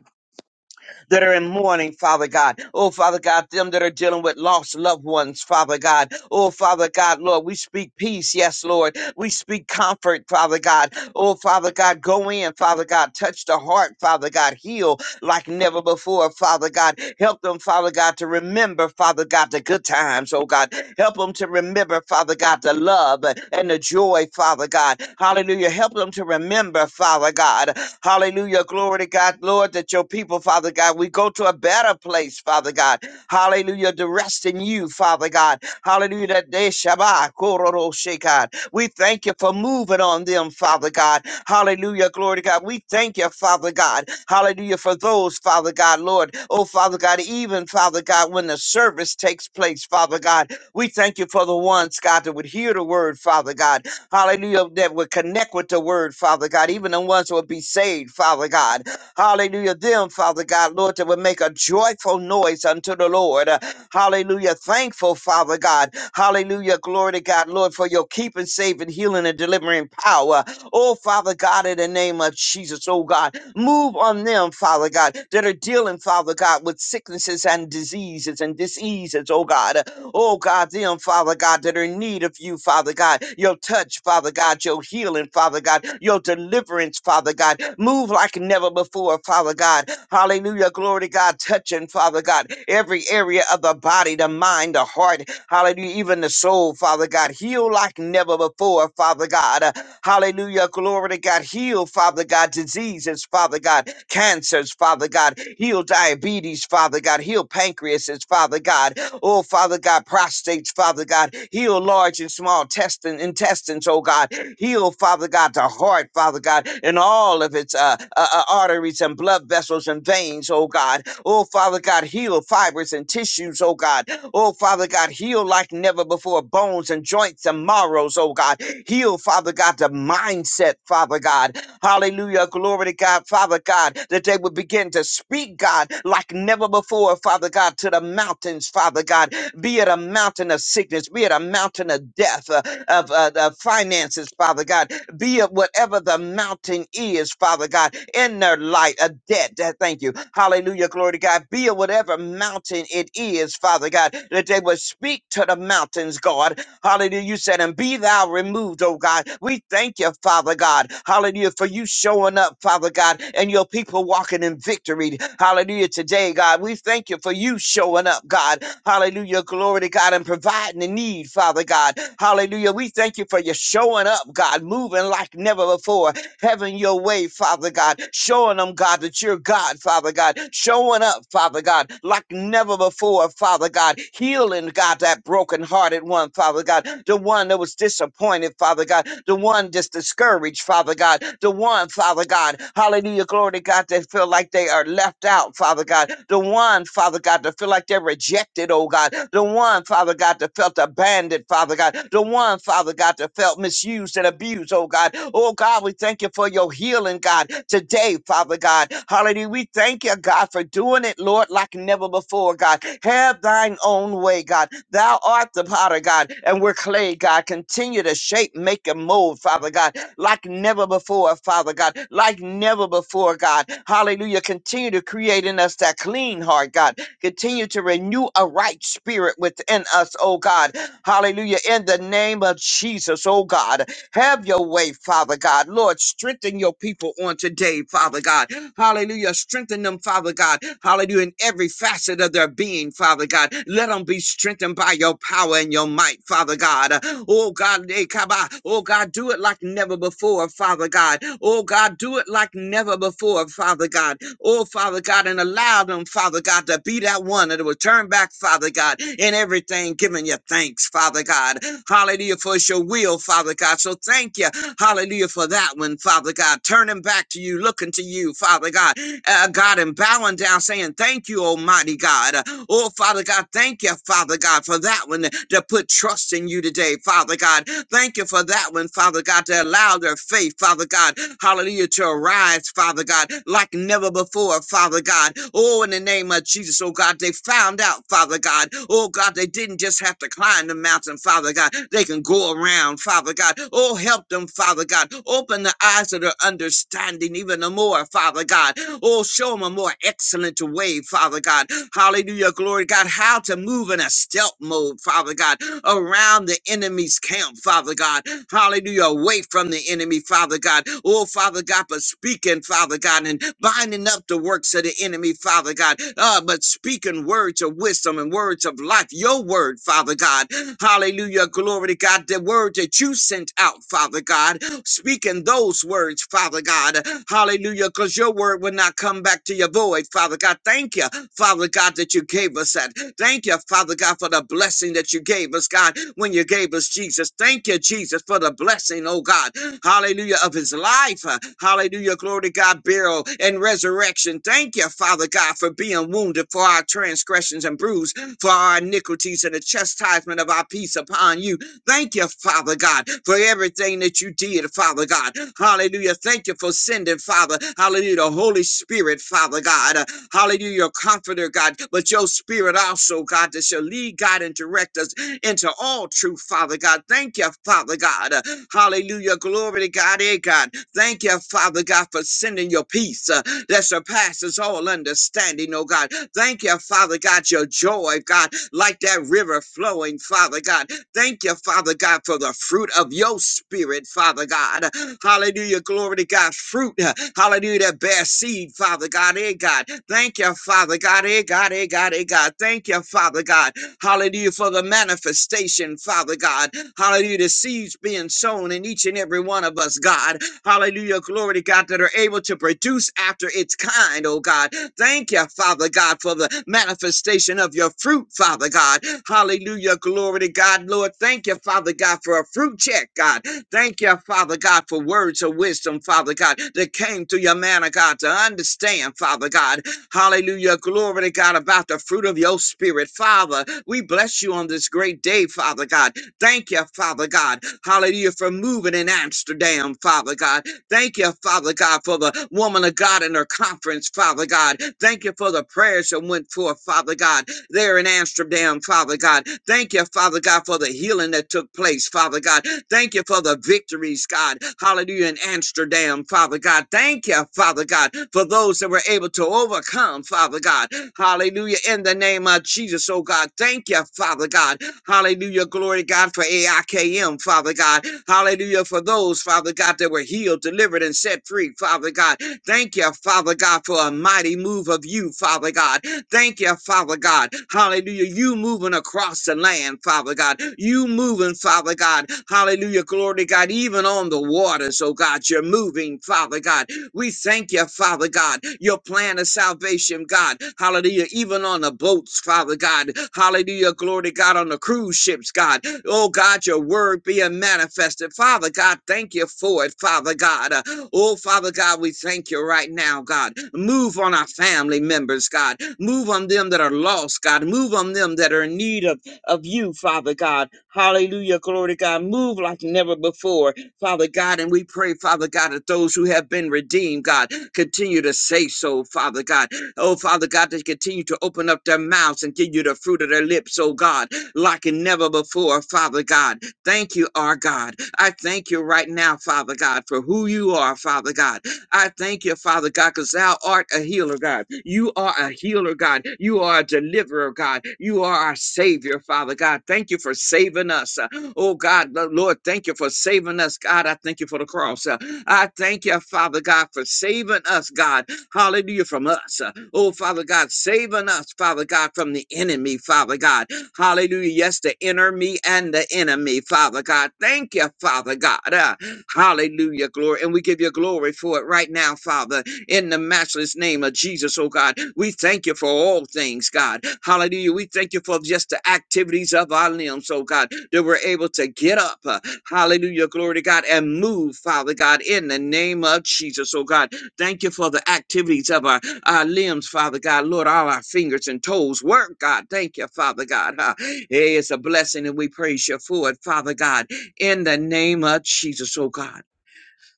Speaker 2: that are in mourning, Father God. Oh, Father God, them that are dealing with lost loved ones, Father God. Oh, Father God, Lord, we speak peace, yes, Lord. We speak comfort, Father God. Oh, Father God, go in, Father God, touch the heart, Father God, heal like never before, Father God. Help them, Father God, to remember, Father God, the good times, oh God. Help them to remember, Father God, the love and the joy, Father God. Hallelujah. Help them to remember, Father God. Hallelujah. Glory to God, Lord, that your people, Father God, we go to a better place, Father God. Hallelujah. To rest in you, Father God. Hallelujah. That they Shabbat, Kororo Shekad. We thank you for moving on them, Father God. Hallelujah. Glory to God. We thank you, Father God. Hallelujah. For those, Father God, Lord. Oh, Father God, even, Father God, when the service takes place, Father God, we thank you for the ones, God, that would hear the word, Father God hallelujah, that would connect with the word, Father God, even the ones who would be saved, Father God, hallelujah, them, Father God, Lord, that would make a joyful noise unto the Lord, Uh, hallelujah, thankful, Father God, hallelujah, glory to God, Lord, for your keeping, saving, healing, and delivering power, oh, Father God, in the name of Jesus, oh God, Move on them, Father God, that are dealing, Father God, with sicknesses and diseases and diseases, oh God. Oh God, them, Father God, that are in need of you, Father God. Your touch, Father God, your healing, Father God, your deliverance, Father God. Move like never before, Father God. Hallelujah. Glory to God. Touching, Father God, every area of the body, the mind, the heart, hallelujah, even the soul, Father God. Heal like never before, Father God. Hallelujah. Glory to God. Heal, Father God, diseases, Father God, cancers, Father God. Heal diabetes, Father God. Heal pancreases, Father God. Oh, Father God, prostates, Father God. Heal large and small testin- intestines, oh God. Heal, Father God, the heart, Father God, and all of its uh, uh, uh, arteries and blood vessels and veins, oh God. Oh, Father God, heal fibers and tissues, oh God. Oh, Father God, heal like never before bones and joints and marrows, oh God. Heal, Father God, the mindset, Father God. Hallelujah. Glory to God, Father God, that they would begin to speak, God, like never before, Father God, to the mountains, Father God, be it a mountain of sickness, be it a mountain of death, uh, of uh, the finances, Father God, be it whatever the mountain is, Father God, in their light, a debt. uh, Thank you. Hallelujah. Glory to God. Be it whatever mountain it is, Father God, that they would speak to the mountains, God, Hallelujah. You said, and be thou removed, oh God. We thank you, Father God. Hallelujah. For you showing up, Father God, and your people walking in victory. Hallelujah. Today, God, we thank you for you showing up, God. Hallelujah. Glory to God and providing the need, Father God. Hallelujah. We thank you for you showing up, God, moving like never before having your way, Father God, showing them, God, that you're God, Father God, showing up, Father God, like never before, Father God, healing, God, that broken-hearted one, Father God, the one that was disappointed, Father God, the one that's discouraged, Father God, the one, Father God, hallelujah, glory to God, that feel like they are left out, out, Father God. The one, Father God, to feel like they're rejected, oh God. The one, Father God, that felt abandoned, Father God. The one, Father God, that felt misused and abused, oh God. Oh God, we thank you for your healing, God, today, Father God. Hallelujah. We thank you, God, for doing it, Lord, like never before, God. Have thine own way, God. Thou art the potter, God, and we're clay, God. Continue to shape, make, and mold, Father God like never before, Father God, like never before, God. Hallelujah. Continue to create in us that clean heart, God. Continue to renew a right spirit within us, oh God. Hallelujah. In the name of Jesus, oh God. Have your way, Father God. Lord, strengthen your people on today, Father God. Hallelujah. Strengthen them, Father God. Hallelujah. In every facet of their being, Father God. Let them be strengthened by your power and your might, Father God. Oh God, eh, kaba. oh God, do it like never before, Father God. Oh God, do it like never before, Father God. Oh Father God, and allow them, Father God, to be that one that will turn back, Father God, in everything, giving you thanks, Father God. Hallelujah, for it's your will, Father God. So thank you, hallelujah, for that one, Father God, turning back to you, looking to you, Father God, uh, God, and bowing down, saying, Thank you, Almighty God. Oh, Father God, thank you, Father God, for that one to put trust in you today, Father God. Thank you for that one, Father God, to allow their faith, Father God, hallelujah, to arise, Father God, like never before, Father God. Oh, in the name of Jesus, oh God, they found out, Father God. Oh God, they didn't just have to climb the mountain, Father God. They can go around, Father God. God. Oh, help them, Father God. Open the eyes of their understanding even the more, Father God. Oh, show them a more excellent way, Father God. Hallelujah, glory God. How to move in a stealth mode, Father God, around the enemy's camp, Father God. Hallelujah, away from the enemy, Father God. Oh, Father God, but speaking, Father God, and binding up the works of the enemy, Father God. Uh, but speaking words of wisdom and words of life, your word, Father God. Hallelujah. Glory to God. The word that you sent out, Father God, speaking those words, Father God. Hallelujah. Because your word will not come back to your void, Father God. Thank you, Father God, that you gave us that. Thank you, Father God, for the blessing that you gave us, God, when you gave us Jesus. Thank you, Jesus, for the blessing, oh God. Hallelujah, of his life. Uh, Hallelujah. Glory to God, burial and resurrection. Thank you, Father God, for being wounded for our transgressions and bruised for our iniquities and the chastisement of our peace upon you. Thank you, Father God, for everything that you did, Father God. Hallelujah. Thank you for sending, Father. Hallelujah. The Holy Spirit, Father God. Uh, Hallelujah. Your comforter, God. But your spirit also, God, that shall lead, God, and direct us into all truth, Father God. Thank you, Father God. Uh, Hallelujah. Glory to God, eh, God. Thank you, Father God, for sending your peace. Uh, that surpasses all understanding, oh God. Thank you, Father God, your joy, God, like that river flowing, Father God. Thank you, Father God, for the fruit of your spirit, Father God. Hallelujah, glory to God. Fruit, uh, hallelujah, that bear seed, Father God, eh, God. Thank you, Father God, eh, God, eh, God, eh, God. Thank you, Father God. Hallelujah, for the manifestation, Father God. Hallelujah, the seeds being sown in each and every one of us, God. Hallelujah. Glory to God that are able to produce after its kind, oh God. Thank you, Father God, for the manifestation of your fruit, Father God. Hallelujah. Glory to God, Lord. Thank you, Father God, for a fruit check, God. Thank you, Father God, for words of wisdom, Father God, that came to your man of God to understand, Father God. Hallelujah. Glory to God about the fruit of your spirit, Father. We bless you on this great day, Father God. Thank you, Father God. Hallelujah for moving in Amsterdam, Father God. Thank you, Father God, for the woman of God and her conference, Father God. Thank you for the prayers that went forth, Father God, there in Amsterdam, Father God. Thank you, Father God, for the healing that took place, Father God. Thank you for the victories, God. Hallelujah in Amsterdam, Father God. Thank you, Father God, for those that were able to overcome, Father God. Hallelujah in the name of Jesus, oh God. Thank you, Father God. Hallelujah. Glory to God for AIKM, Father God. Hallelujah. For those, Father God, that were healed, delivered, and set free, Father God. Thank you, Father God, for a mighty move of you, Father God. Thank you, Father God. Hallelujah. You moving across the land, Father God. You moving, Father God. Hallelujah. Glory to God. Even on the waters, oh God, you're moving, Father God. We thank you, Father God, your plan of salvation, God. Hallelujah. Even on the boats, Father God. Hallelujah. Glory to God on the cruise ships, God. Oh, God, your word being manifested. Father God, thank you for it, Father God. Uh, Oh, Father God, we thank you right now, God. Move on our family members, God. Move on them that are lost, God. Move on them that are in need of, of you, Father God. Hallelujah. Glory to God. Move like never before. Father God, and we pray, Father God, that those who have been redeemed, God, continue to say so, Father God. Oh, Father God, to continue to open up their mouths and give you the fruit of their lips, oh God, like never before, Father God. Thank you, our God. I thank you right now, Father God, for who you are, Father God. I thank you, Father God, because thou art a healer, God. You are a healer, God. You are a deliverer, God. You are our Savior, Father God. Thank you for saving us. Uh, Oh, God, Lo- Lord, thank you for saving us, God. I thank you for the cross. Uh, I thank you, Father God, for saving us, God. Hallelujah, from us. Uh, Oh, Father God, saving us, Father God, from the enemy, Father God. Hallelujah. Yes, the enemy and the enemy, Father God. Thank you, Father God. uh, Hallelujah, glory. And we give you glory for it right now, Father, in the matchless name of Jesus, oh God. We thank you for all things, God. Hallelujah. We thank you for just the activities of our limbs, oh God, that we're able to get up. uh, Hallelujah, glory to God, and move, Father God, in the name of Jesus, oh God. Thank you for the activities of our, our limbs, Father God. Lord, all our fingers and toes work, God. Thank you, Father God. huh. Hey, it's a blessing, and we praise you for it, Father God in the name of Jesus, oh God.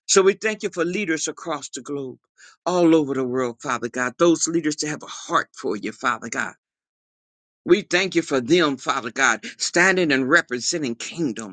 Speaker 2: So we thank you for leaders across the globe, all over the world, Father God, those leaders that have a heart for you, Father God. We thank you for them, Father God, standing and representing kingdom.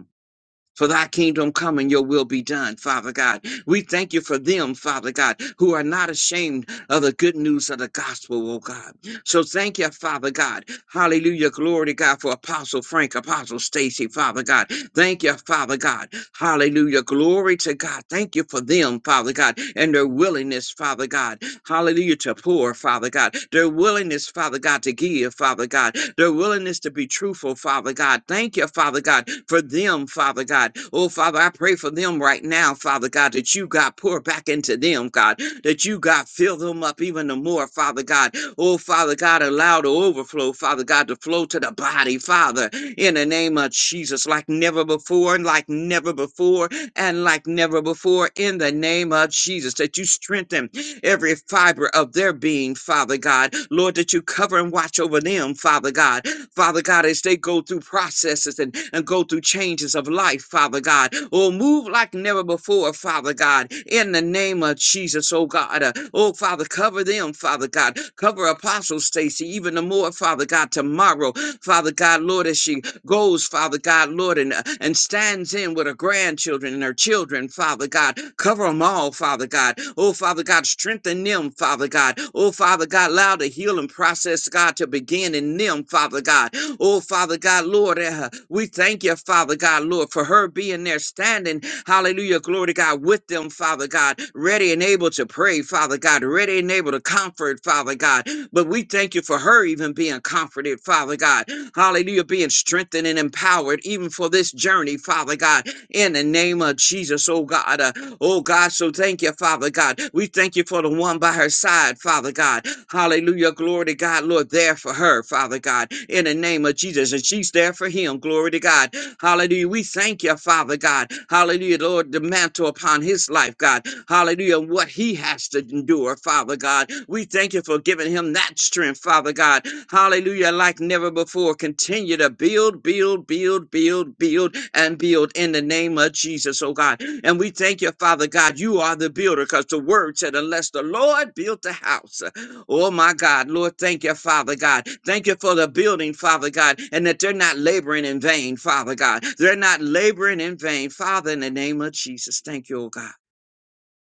Speaker 2: For thy kingdom come and your will be done, Father God. We thank you for them, Father God, who are not ashamed of the good news of the gospel, oh God. So thank you, Father God. Hallelujah. Glory to God for Apostle Frank, Apostle Stacy, Father God. Thank you, Father God. Hallelujah. Glory to God. Thank you for them, Father God, and their willingness, Father God hallelujah, to pour, Father God. Their willingness, Father God, to give, Father God. Their willingness to be truthful, Father God. Thank you, Father God, for them, Father God. Oh, Father, I pray for them right now, Father God, that you, God, pour back into them, God, that you, God, fill them up even the more, Father God. Oh, Father God, allow the overflow, Father God, to flow to the body, Father, in the name of Jesus, like never before and like never before and like never before in the name of Jesus, that you strengthen every fiber of their being, Father God. Lord, that you cover and watch over them, Father God. Father God, as they go through processes and, and go through changes of life, Father God. Oh, move like never before, Father God, in the name of Jesus, oh God. Uh, oh, Father, cover them, Father God. Cover Apostle Stacy even the more, Father God, tomorrow, Father God, Lord, as she goes, Father God, Lord, and, uh, and stands in with her grandchildren and her children, Father God. Cover them all, all, Father God. Oh, Father God, strengthen them, Father God. Oh, Father God, allow the healing process, God, to begin in them, Father God. Oh, Father God, Lord, uh, we thank you, Father God, Lord, for her being there standing. Hallelujah, glory to God, with them, Father God, ready and able to pray, Father God, ready and able to comfort, Father God. But we thank you for her even being comforted, Father God. Hallelujah, being strengthened and empowered even for this journey, Father God in the name of Jesus, oh God. Uh, oh God, so thank you, Father God. We thank you for the one by her side, Father God. Hallelujah. Glory to God, Lord, there for her, Father God, in the name of Jesus. And she's there for him. Glory to God. Hallelujah. We thank you, Father God. Hallelujah, Lord, the mantle upon his life, God. Hallelujah, and what he has to endure, Father God. We thank you for giving him that strength, Father God. Hallelujah, like never before. Continue to build, build, build, build, build, and build in the name of Jesus, oh God. And we thank you, Father God. You are the builder because the word said, unless the Lord built the house. Oh my God, Lord, thank you, Father God. Thank you for the building, Father God, and that they're not laboring in vain, Father God. They're not laboring in vain, Father, in the name of Jesus. Thank you, oh God.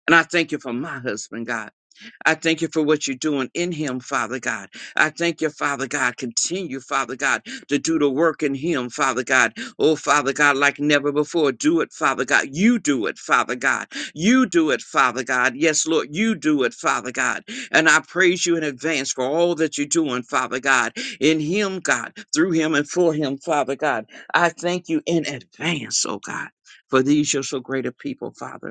Speaker 2: And I thank you for my husband, God. I thank you for what you're doing in him, Father God. I thank you, Father God. Continue, Father God, to do the work in him, Father God. Oh, Father God, like never before. Do it, Father God. You do it, Father God. You do it, Father God. Yes, Lord, you do it, Father God. And I praise you in advance for all that you're doing, Father God, in him, God, through him and for him, Father God. I thank you in advance, oh God, for these, your so great a people, Father.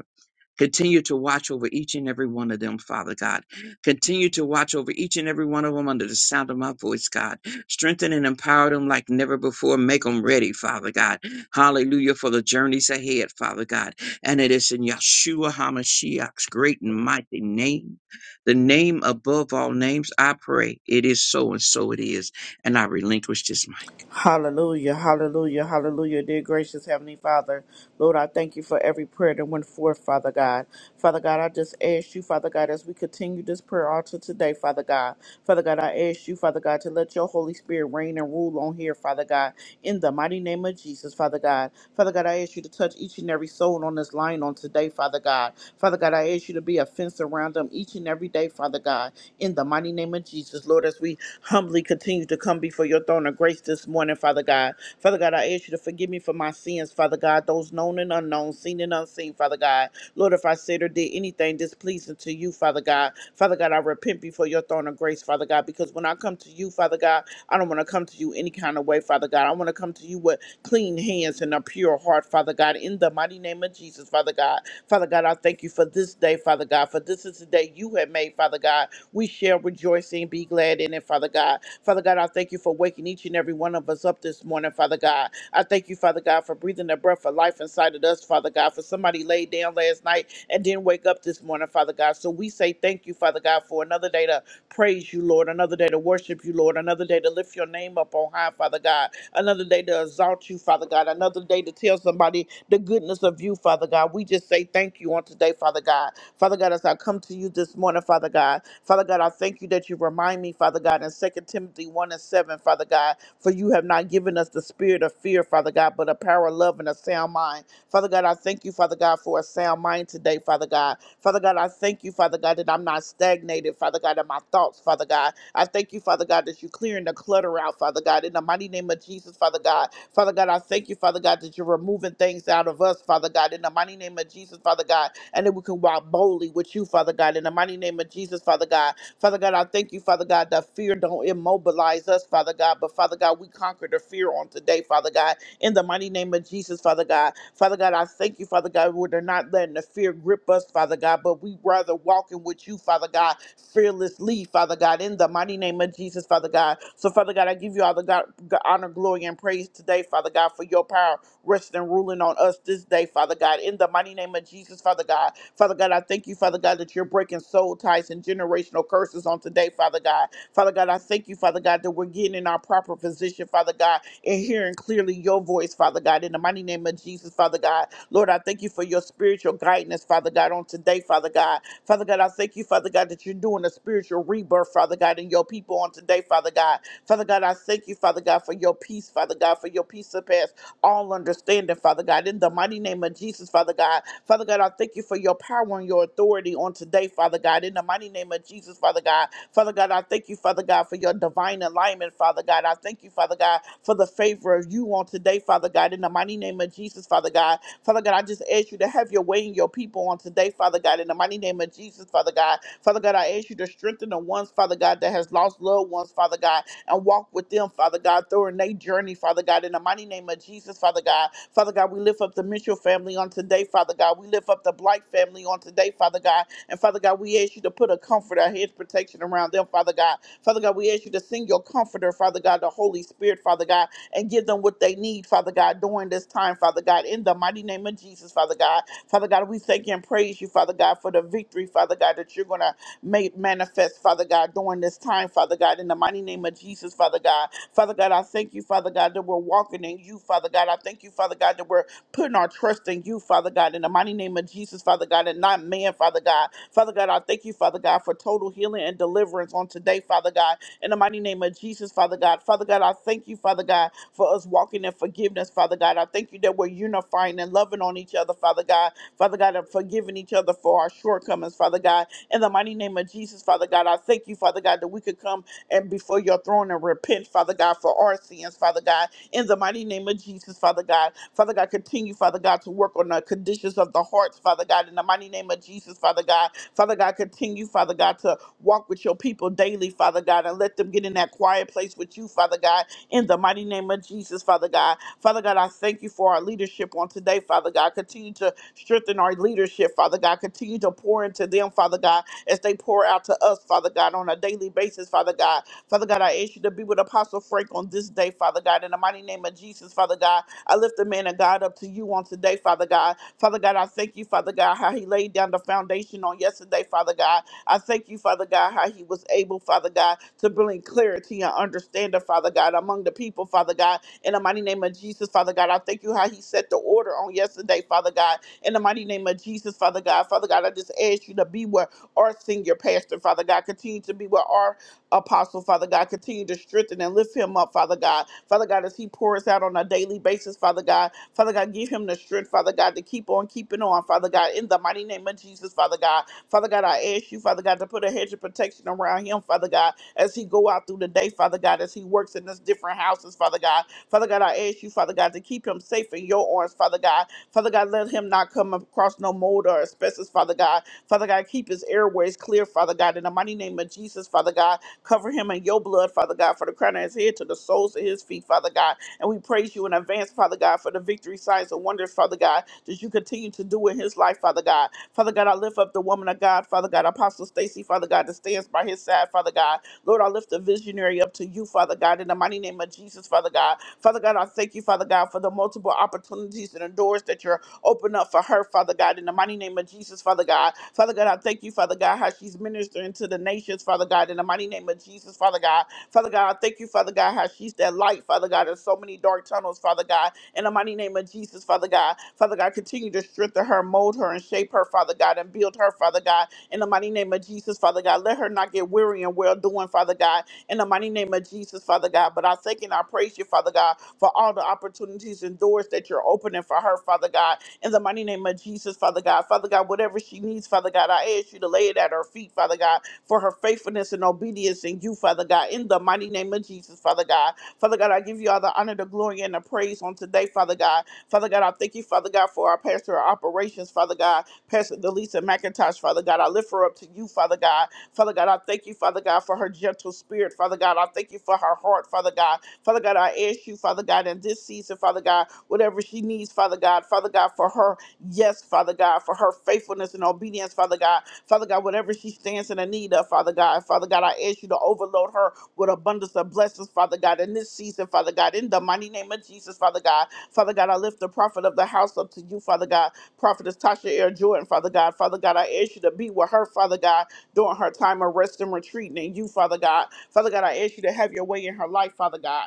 Speaker 2: Continue to watch over each and every one of them, Father God. Continue to watch over each and every one of them under the sound of my voice, God. Strengthen and empower them like never before. Make them ready, Father God. Hallelujah for the journeys ahead, Father God. And it is in Yeshua HaMashiach's great and mighty name, the name above all names, I pray. It is so and so it is. And I relinquish this mic.
Speaker 3: Hallelujah, hallelujah, hallelujah. Dear gracious Heavenly Father, Lord, I thank you for every prayer that went forth, Father God. Father God, I just ask you, Father God, as we continue this prayer altar today, Father God. Father God, I ask you, Father God, to let your Holy Spirit reign and rule on here, Father God, in the mighty name of Jesus, Father God. Father God, I ask you to touch each and every soul on this line on today, Father God. Father God, I ask you to be a fence around them each and every day, Father God, in the mighty name of Jesus, Lord, as we humbly continue to come before your throne of grace this morning, Father God. Father God, I ask you to forgive me for my sins, Father God, those known and unknown, seen and unseen, Father God. Lord, if I said or did anything displeasing to you, Father God, Father God, I repent before your throne of grace, Father God, because when I come to you, Father God, I don't want to come to you any kind of way, Father God. I want to come to you with clean hands and a pure heart, Father God, in the mighty name of Jesus, Father God. Father God, I thank you for this day, Father God, for this is the day you have made, Father God. We shall rejoice and be glad in it, Father God. Father God, I thank you for waking each and every one of us up this morning, Father God. I thank you, Father God, for breathing the breath of life inside of us, Father God, for somebody laid down last night and didn't wake up this morning, Father God. So we say thank you, Father God, for another day to praise you, Lord, another day to worship you, Lord, another day to lift your name up on high, Father God, another day to exalt you, Father God, another day to tell somebody the goodness of you, Father God. We just say thank you on today, Father God. Father God, as I come to you this morning, Father God, Father God, I thank you that you remind me, Father God, in Second Timothy 1 and 7, Father God, for you have not given us the spirit of fear, Father God, but a power of love and a sound mind. Father God, I thank you, Father God, for a sound mind today, Father God. Father God, I thank you, Father God, that I'm not stagnated, Father God, in my thoughts, Father God. I thank you, Father God, that you're clearing the clutter out, Father God, in the mighty name of Jesus, Father God. Father God, I thank you, Father God, that you're removing things out of us, Father God, in the mighty name of Jesus, Father God and that we can walk boldly with you, Father God. In the mighty name of Jesus, Father God. Father God, I thank you, Father God, that fear don't immobilize us, Father God. But Father God, we conquer the fear on today, Father God. In the mighty name of Jesus, Father God. Father God, I thank you, Father God, where they're not letting the fear grip us, Father God, but we rather walking with you, Father God, fearlessly, Father God, in the mighty name of Jesus, Father God. So, Father God, I give you all the God, honor, glory, and praise today, Father God, for your power resting and ruling on us this day, Father God. In the mighty name of Jesus, Father God. Father God, I thank you, Father God, that you're breaking soul ties and generational curses on today, Father God. Father God, I thank you, Father God, that we're getting in our proper position, Father God, and hearing clearly your voice, Father God. In the mighty name of Jesus, Father God. Lord, I thank you for your spiritual guidance, Father God, on today, Father God. Father God, I thank you, Father God, that you're doing a spiritual rebirth, Father God, in your people on today, Father God. Father God, I thank you, Father God, for your peace, Father God, for your peace that surpasses all understanding, Father God. In the mighty name of Jesus, Father God. Father God, I thank you for your power and your authority on today, Father God. In the mighty name of Jesus, Father God. Father God, I thank you, Father God, for your divine alignment, Father God. I thank you, Father God, for the favor of you on today, Father God. In the mighty name of Jesus, Father God. Father God, I just ask you to have your way in your people on today, Father God. In the mighty name of Jesus, Father God. Father God, I ask you to strengthen the ones, Father God, that has lost loved ones, Father God and walk with them, Father God, through in their journey, Father God, in the mighty name of Jesus, Father God. Father God, we lift up the Mitchell family on today, Father God. We lift up the Blight family on today, Father God. And Father God, we ask you to put a comfort, a hedge protection around them, Father God. Father God, we ask you to send your comforter, Father God, the Holy Spirit, Father God, and give them what they need, Father God, during this time, Father God, in the mighty name of Jesus, Father God. Father God, we thank you and praise you, Father God, for the victory, Father God, that you're going to made manifest, Father God, during this time, Father God, in the mighty name of Jesus, Father God. Father God, I thank you, Father God, that we're walking in you, Father God. I thank you, Father God, that we're putting our trust in you, Father God, in the mighty name of Jesus, Father God, and not man, Father God. Father God, I thank you, Father God, for total healing and deliverance on today, Father God, in the mighty name of Jesus, Father God. Father God, I thank you, Father God, for us walking in forgiveness, Father God. I thank you that we're unifying and loving on each other, Father God. Father God, and forgiving each other for our shortcomings, Father God in the mighty name of Jesus, Father God, I thank you, Father God, that we could come and before your throne and repent, Father God, for our sins, Father God. In the mighty name of Jesus, Father God. Father God, continue, Father God, to work on the conditions of the hearts, Father God. In the mighty name of Jesus, Father God. Father God, continue, Father God, to walk with your people daily, Father God, and let them get in that quiet place with you, Father God. In the mighty name of Jesus, Father God. Father God, I thank you for our leadership on today, Father God. Continue to Strengthen our leadership, Father God. Continue to pour into them, Father God, as they pour out to us, Father God, on a daily basis, Father God. Father God, I ask you to be with Apostle Frank on this day, Father God. In the mighty name of Jesus, Father God, I lift the man of God up to you on today, Father God. Father God, I thank you, Father God, how he laid down the foundation on yesterday, Father God. I thank you, Father God, how he was able, Father God, to bring clarity and understanding, Father God, among the people, Father God. In the mighty name of Jesus, Father God, I thank you how he set the order on yesterday, Father God. In the mighty name of Jesus, Father God, Father God, I just ask you to be with our senior pastor, Father God, continue to be with our apostle, Father God, continue to strengthen and lift him up, Father God. Father God, as he pours out on a daily basis, Father God, Father God, give him the strength, Father God, to keep on keeping on, Father God, in the mighty name of Jesus, Father God. Father God, I ask you, Father God, to put a hedge of protection around him, Father God, as he go out through the day, Father God, as he works in his different houses, Father God. Father God, I ask you, Father God, to keep him safe in your arms, Father God. Father God, let him not come across no mold or asbestos, Father God. Father God, keep his airways clear, Father God. In the mighty name of Jesus, Father God, cover him in your blood, Father God, for the crown of his head to the soles of his feet, Father God. And we praise you in advance, Father God, for the victory, signs, and wonders, Father God, that you continue to do in his life, Father God. Father God, I lift up the woman of God, Father God, Apostle Stacy, Father God, that stands by his side, Father God. Lord, I lift the visionary up to you, Father God, in the mighty name of Jesus, Father God. Father God, I thank you, Father God, for the multiple opportunities and the doors that you're opening up for her, Father God, in the mighty name of Jesus, Father God. Father God, I thank you, Father God, how she's ministering to the nations, Father God, in the mighty name of Jesus, Father God. Father God, I thank you, Father God, how she's that light, Father God, in so many dark tunnels, Father God, in the mighty name of Jesus, Father God. Father God, continue to strengthen her, mold her, and shape her, Father God, and build her, Father God, in the mighty name of Jesus, Father God. Let her not get weary and well doing, Father God in the mighty name of Jesus, Father God. But I thank and I praise you, Father God, for all the opportunities and doors that you're opening for her, Father God, in the mighty name of Jesus, Father God. Father God, whatever she needs, Father God, I ask you to lay it at her feet, Father God, for her faithfulness and obedience in you, Father God, in the mighty name of Jesus, Father God. Father God, I give you all the honor, the glory, and the praise on today, Father God. Father God, I thank you, Father God, for our pastor of operations, Father God, Pastor Delisa McIntosh, Father God. I lift her up to you, Father God. Father God, I thank you, Father God, for her gentle spirit. Father God, I thank you for her heart, Father God. Father God, I ask you, Father God, in this season, Father God, whatever she needs, Father God, Father God, for her yes, Father God, for her faithfulness and obedience, Father God. Father God, whatever she stands in the need of, Father God, Father God, I ask you to overload her with abundance of blessings, Father God, in this season, Father God, in the mighty name of Jesus, Father God. Father God, I lift the prophet of the house up to you, Father God. Prophetess Tasha Air Jordan, Father God. Father God, I ask you to be with her, Father God during her time of rest and retreating in you, Father God. Father God, I ask you to have your way in her life, Father God.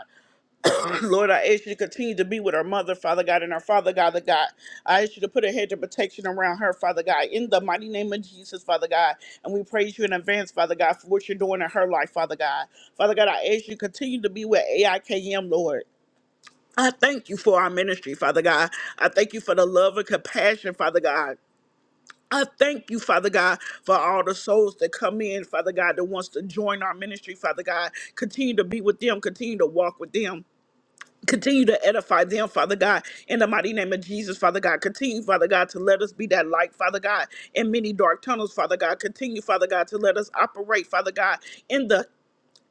Speaker 3: Lord, I ask you to continue to be with her mother, Father God, and her father, God, the God. I ask you to put a hedge of protection around her, Father God, in the mighty name of Jesus, Father God. And we praise you in advance, Father God, for what you're doing in her life, Father God. Father God, I ask you to continue to be with AIKM, Lord. I thank you for our ministry, Father God. I thank you for the love and compassion, Father God I thank you, Father God, for all the souls that come in, Father God, that wants to join our ministry, Father God. Continue to be with them, continue to walk with them. Continue to edify them, Father God, in the mighty name of Jesus, Father God. Continue, Father God, to let us be that light, Father God, in many dark tunnels, Father God. Continue, Father God, to let us operate, Father God, in the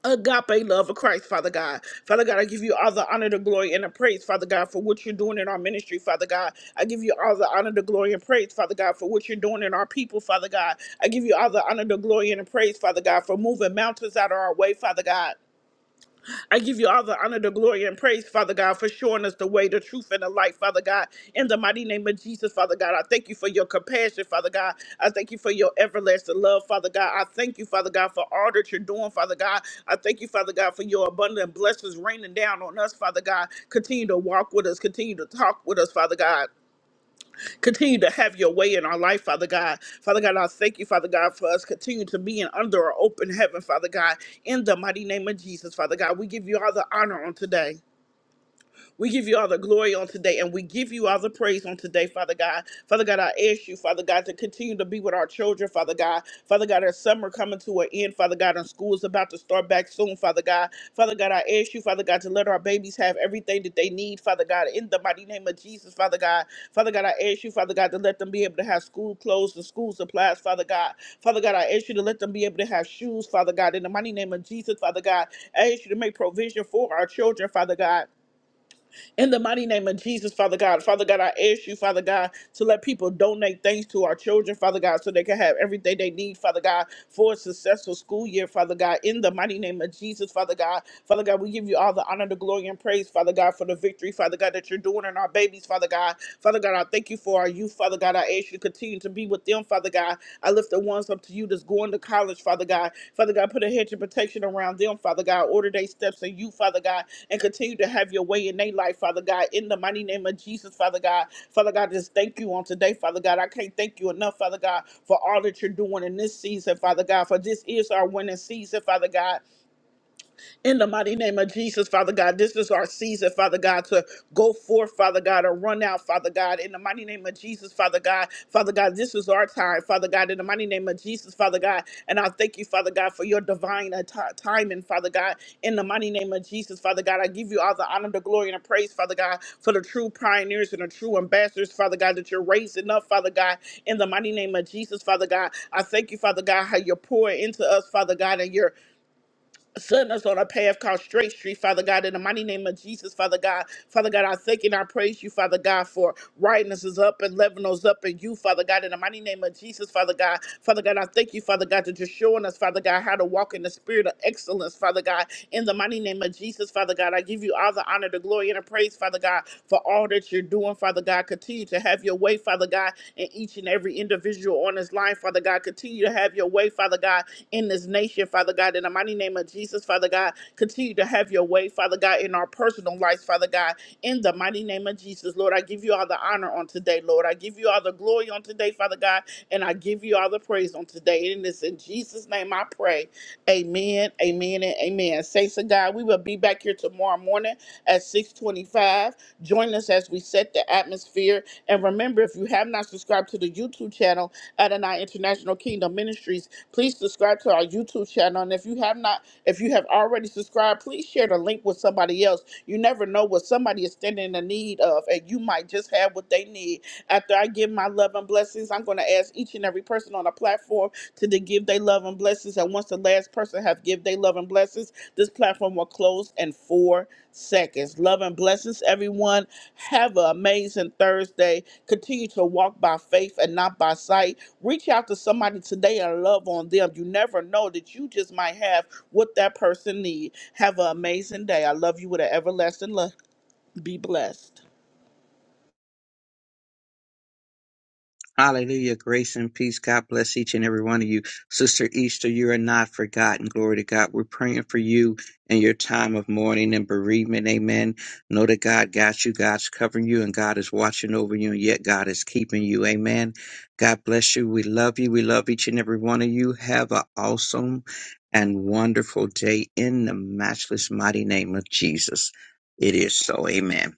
Speaker 3: agape love of Christ, Father God. Father God, I give you all the honor, the glory, and the praise, Father God, for what you're doing in our ministry, Father God. I give you all the honor, the glory, and praise, Father God, for what you're doing in our people, Father God. I give you all the honor, the glory, and the praise, Father God, for moving mountains out of our way, Father God. I give you all the honor, the glory, and praise, Father God, for showing us the way, the truth, and the light, Father God. In the mighty name of Jesus, Father God, I thank you for your compassion, Father God. I thank you for your everlasting love, Father God. I thank you, Father God, for all that you're doing, Father God. I thank you, Father God, for your abundant blessings raining down on us, Father God. Continue to walk with us, continue to talk with us, Father God. Continue to have your way in our life, Father God. Father God, I thank you, Father God, for us Continue to be in under our open heaven, Father God. In the mighty name of Jesus, Father God, we give you all the honor on today. We give you all the glory on today and we give you all the praise on today, Father God. Father God, I ask you, Father God, to continue to be with our children, Father God. Father God, our summer coming to an end, Father God, and school is about to start back soon, Father God. Father God, I ask you, Father God, to let our babies have everything that they need, Father God, in the mighty name of Jesus, Father God. Father God, I ask you, Father God, to let them be able to have school clothes and school supplies, Father God. Father God, I ask you to let them be able to have shoes, Father God, in the mighty name of Jesus, Father God. I ask you to make provision for our children, Father God. In the mighty name of Jesus, Father God, Father God, I ask you, Father God, to let people donate things to our children, Father God, so they can have everything they need, Father God, for a successful school year, Father God. In the mighty name of Jesus, Father God, Father God, we give you all the honor, the glory, and praise, Father God, for the victory, Father God, that you're doing in our babies, Father God. Father God, I thank you for our youth, Father God. I ask you to continue to be with them, Father God. I lift the ones up to you that's going to college, Father God. Father God, put a hedge of protection around them, Father God. Order their steps in you, Father God and continue to have your way in their life, Father God. In the mighty name of Jesus, Father God. Father God, just thank you on today, Father God. I can't thank you enough, Father God, for all that you're doing in this season, Father God. For this is our winning season, Father God. In the mighty name of Jesus, Father God, this is our season, Father God, to go forth, Father God, or run out, Father God. In the mighty name of Jesus, Father God, Father God, this is our time, Father God. In the mighty name of Jesus, Father God, and I thank you, Father God, for your divine uh, ti- timing, Father God. In the mighty name of Jesus, Father God, I give you all the honor, the glory, and the praise, Father God, for the true pioneers and the true ambassadors, Father God, that you're raising up, Father God. In the mighty name of Jesus, Father God, I thank you, Father God, how you're pouring into us, Father God, and you're Send us on a path called Straight Street, Father God, in the mighty name of Jesus, Father God. Father God, I thank and I praise you, Father God, for writing us is up and leveling us up in you, Father God, in the mighty name of Jesus, Father God. Father God, I thank you, Father God, that you're showing us, Father God, how to walk in the spirit of excellence, Father God, in the mighty name of Jesus, Father God. I give you all the honor, the glory, and the praise, Father God, for all that you're doing, Father God. Continue to have your way, Father God, in each and every individual on this line, Father God. Continue to have your way, Father God, in this nation, Father God. In the mighty name of Jesus, Father God, continue to have your way, Father God, in our personal lives, Father God. In the mighty name of Jesus, Lord, I give you all the honor on today, Lord. I give you all the glory on today, Father God, and I give you all the praise on today. And it's in Jesus' name I pray. Amen, amen, and amen. Saints of God, we will be back here tomorrow morning at 625. Join us as we set the atmosphere. And remember, if you have not subscribed to the YouTube channel, Adonai International Kingdom Ministries, Please subscribe to our YouTube channel. And if you have not, if you have already subscribed, please share the link with somebody else. You never know what somebody is standing in the need of, and you might just have what they need. After I give my love and blessings, I'm going to ask each and every person on the platform to to give their love and blessings. And once the last person have give their love and blessings, this platform will close in four seconds. Love and blessings, everyone. Have an amazing Thursday. Continue to walk by faith and not by sight reach out to somebody today and love on them you never know that you just might have what that person need have an amazing day i love you with an everlasting love be blessed
Speaker 2: Hallelujah. Grace and peace. God bless each and every one of you. Sister Easter, you are not forgotten. Glory to God. We're praying for you in your time of mourning and bereavement. Amen. Know that God got you. God's covering you and God is watching over you and yet God is keeping you. Amen. God bless you. We love you. We love each and every one of you. Have an awesome and wonderful day in the matchless mighty name of Jesus. It is so. Amen.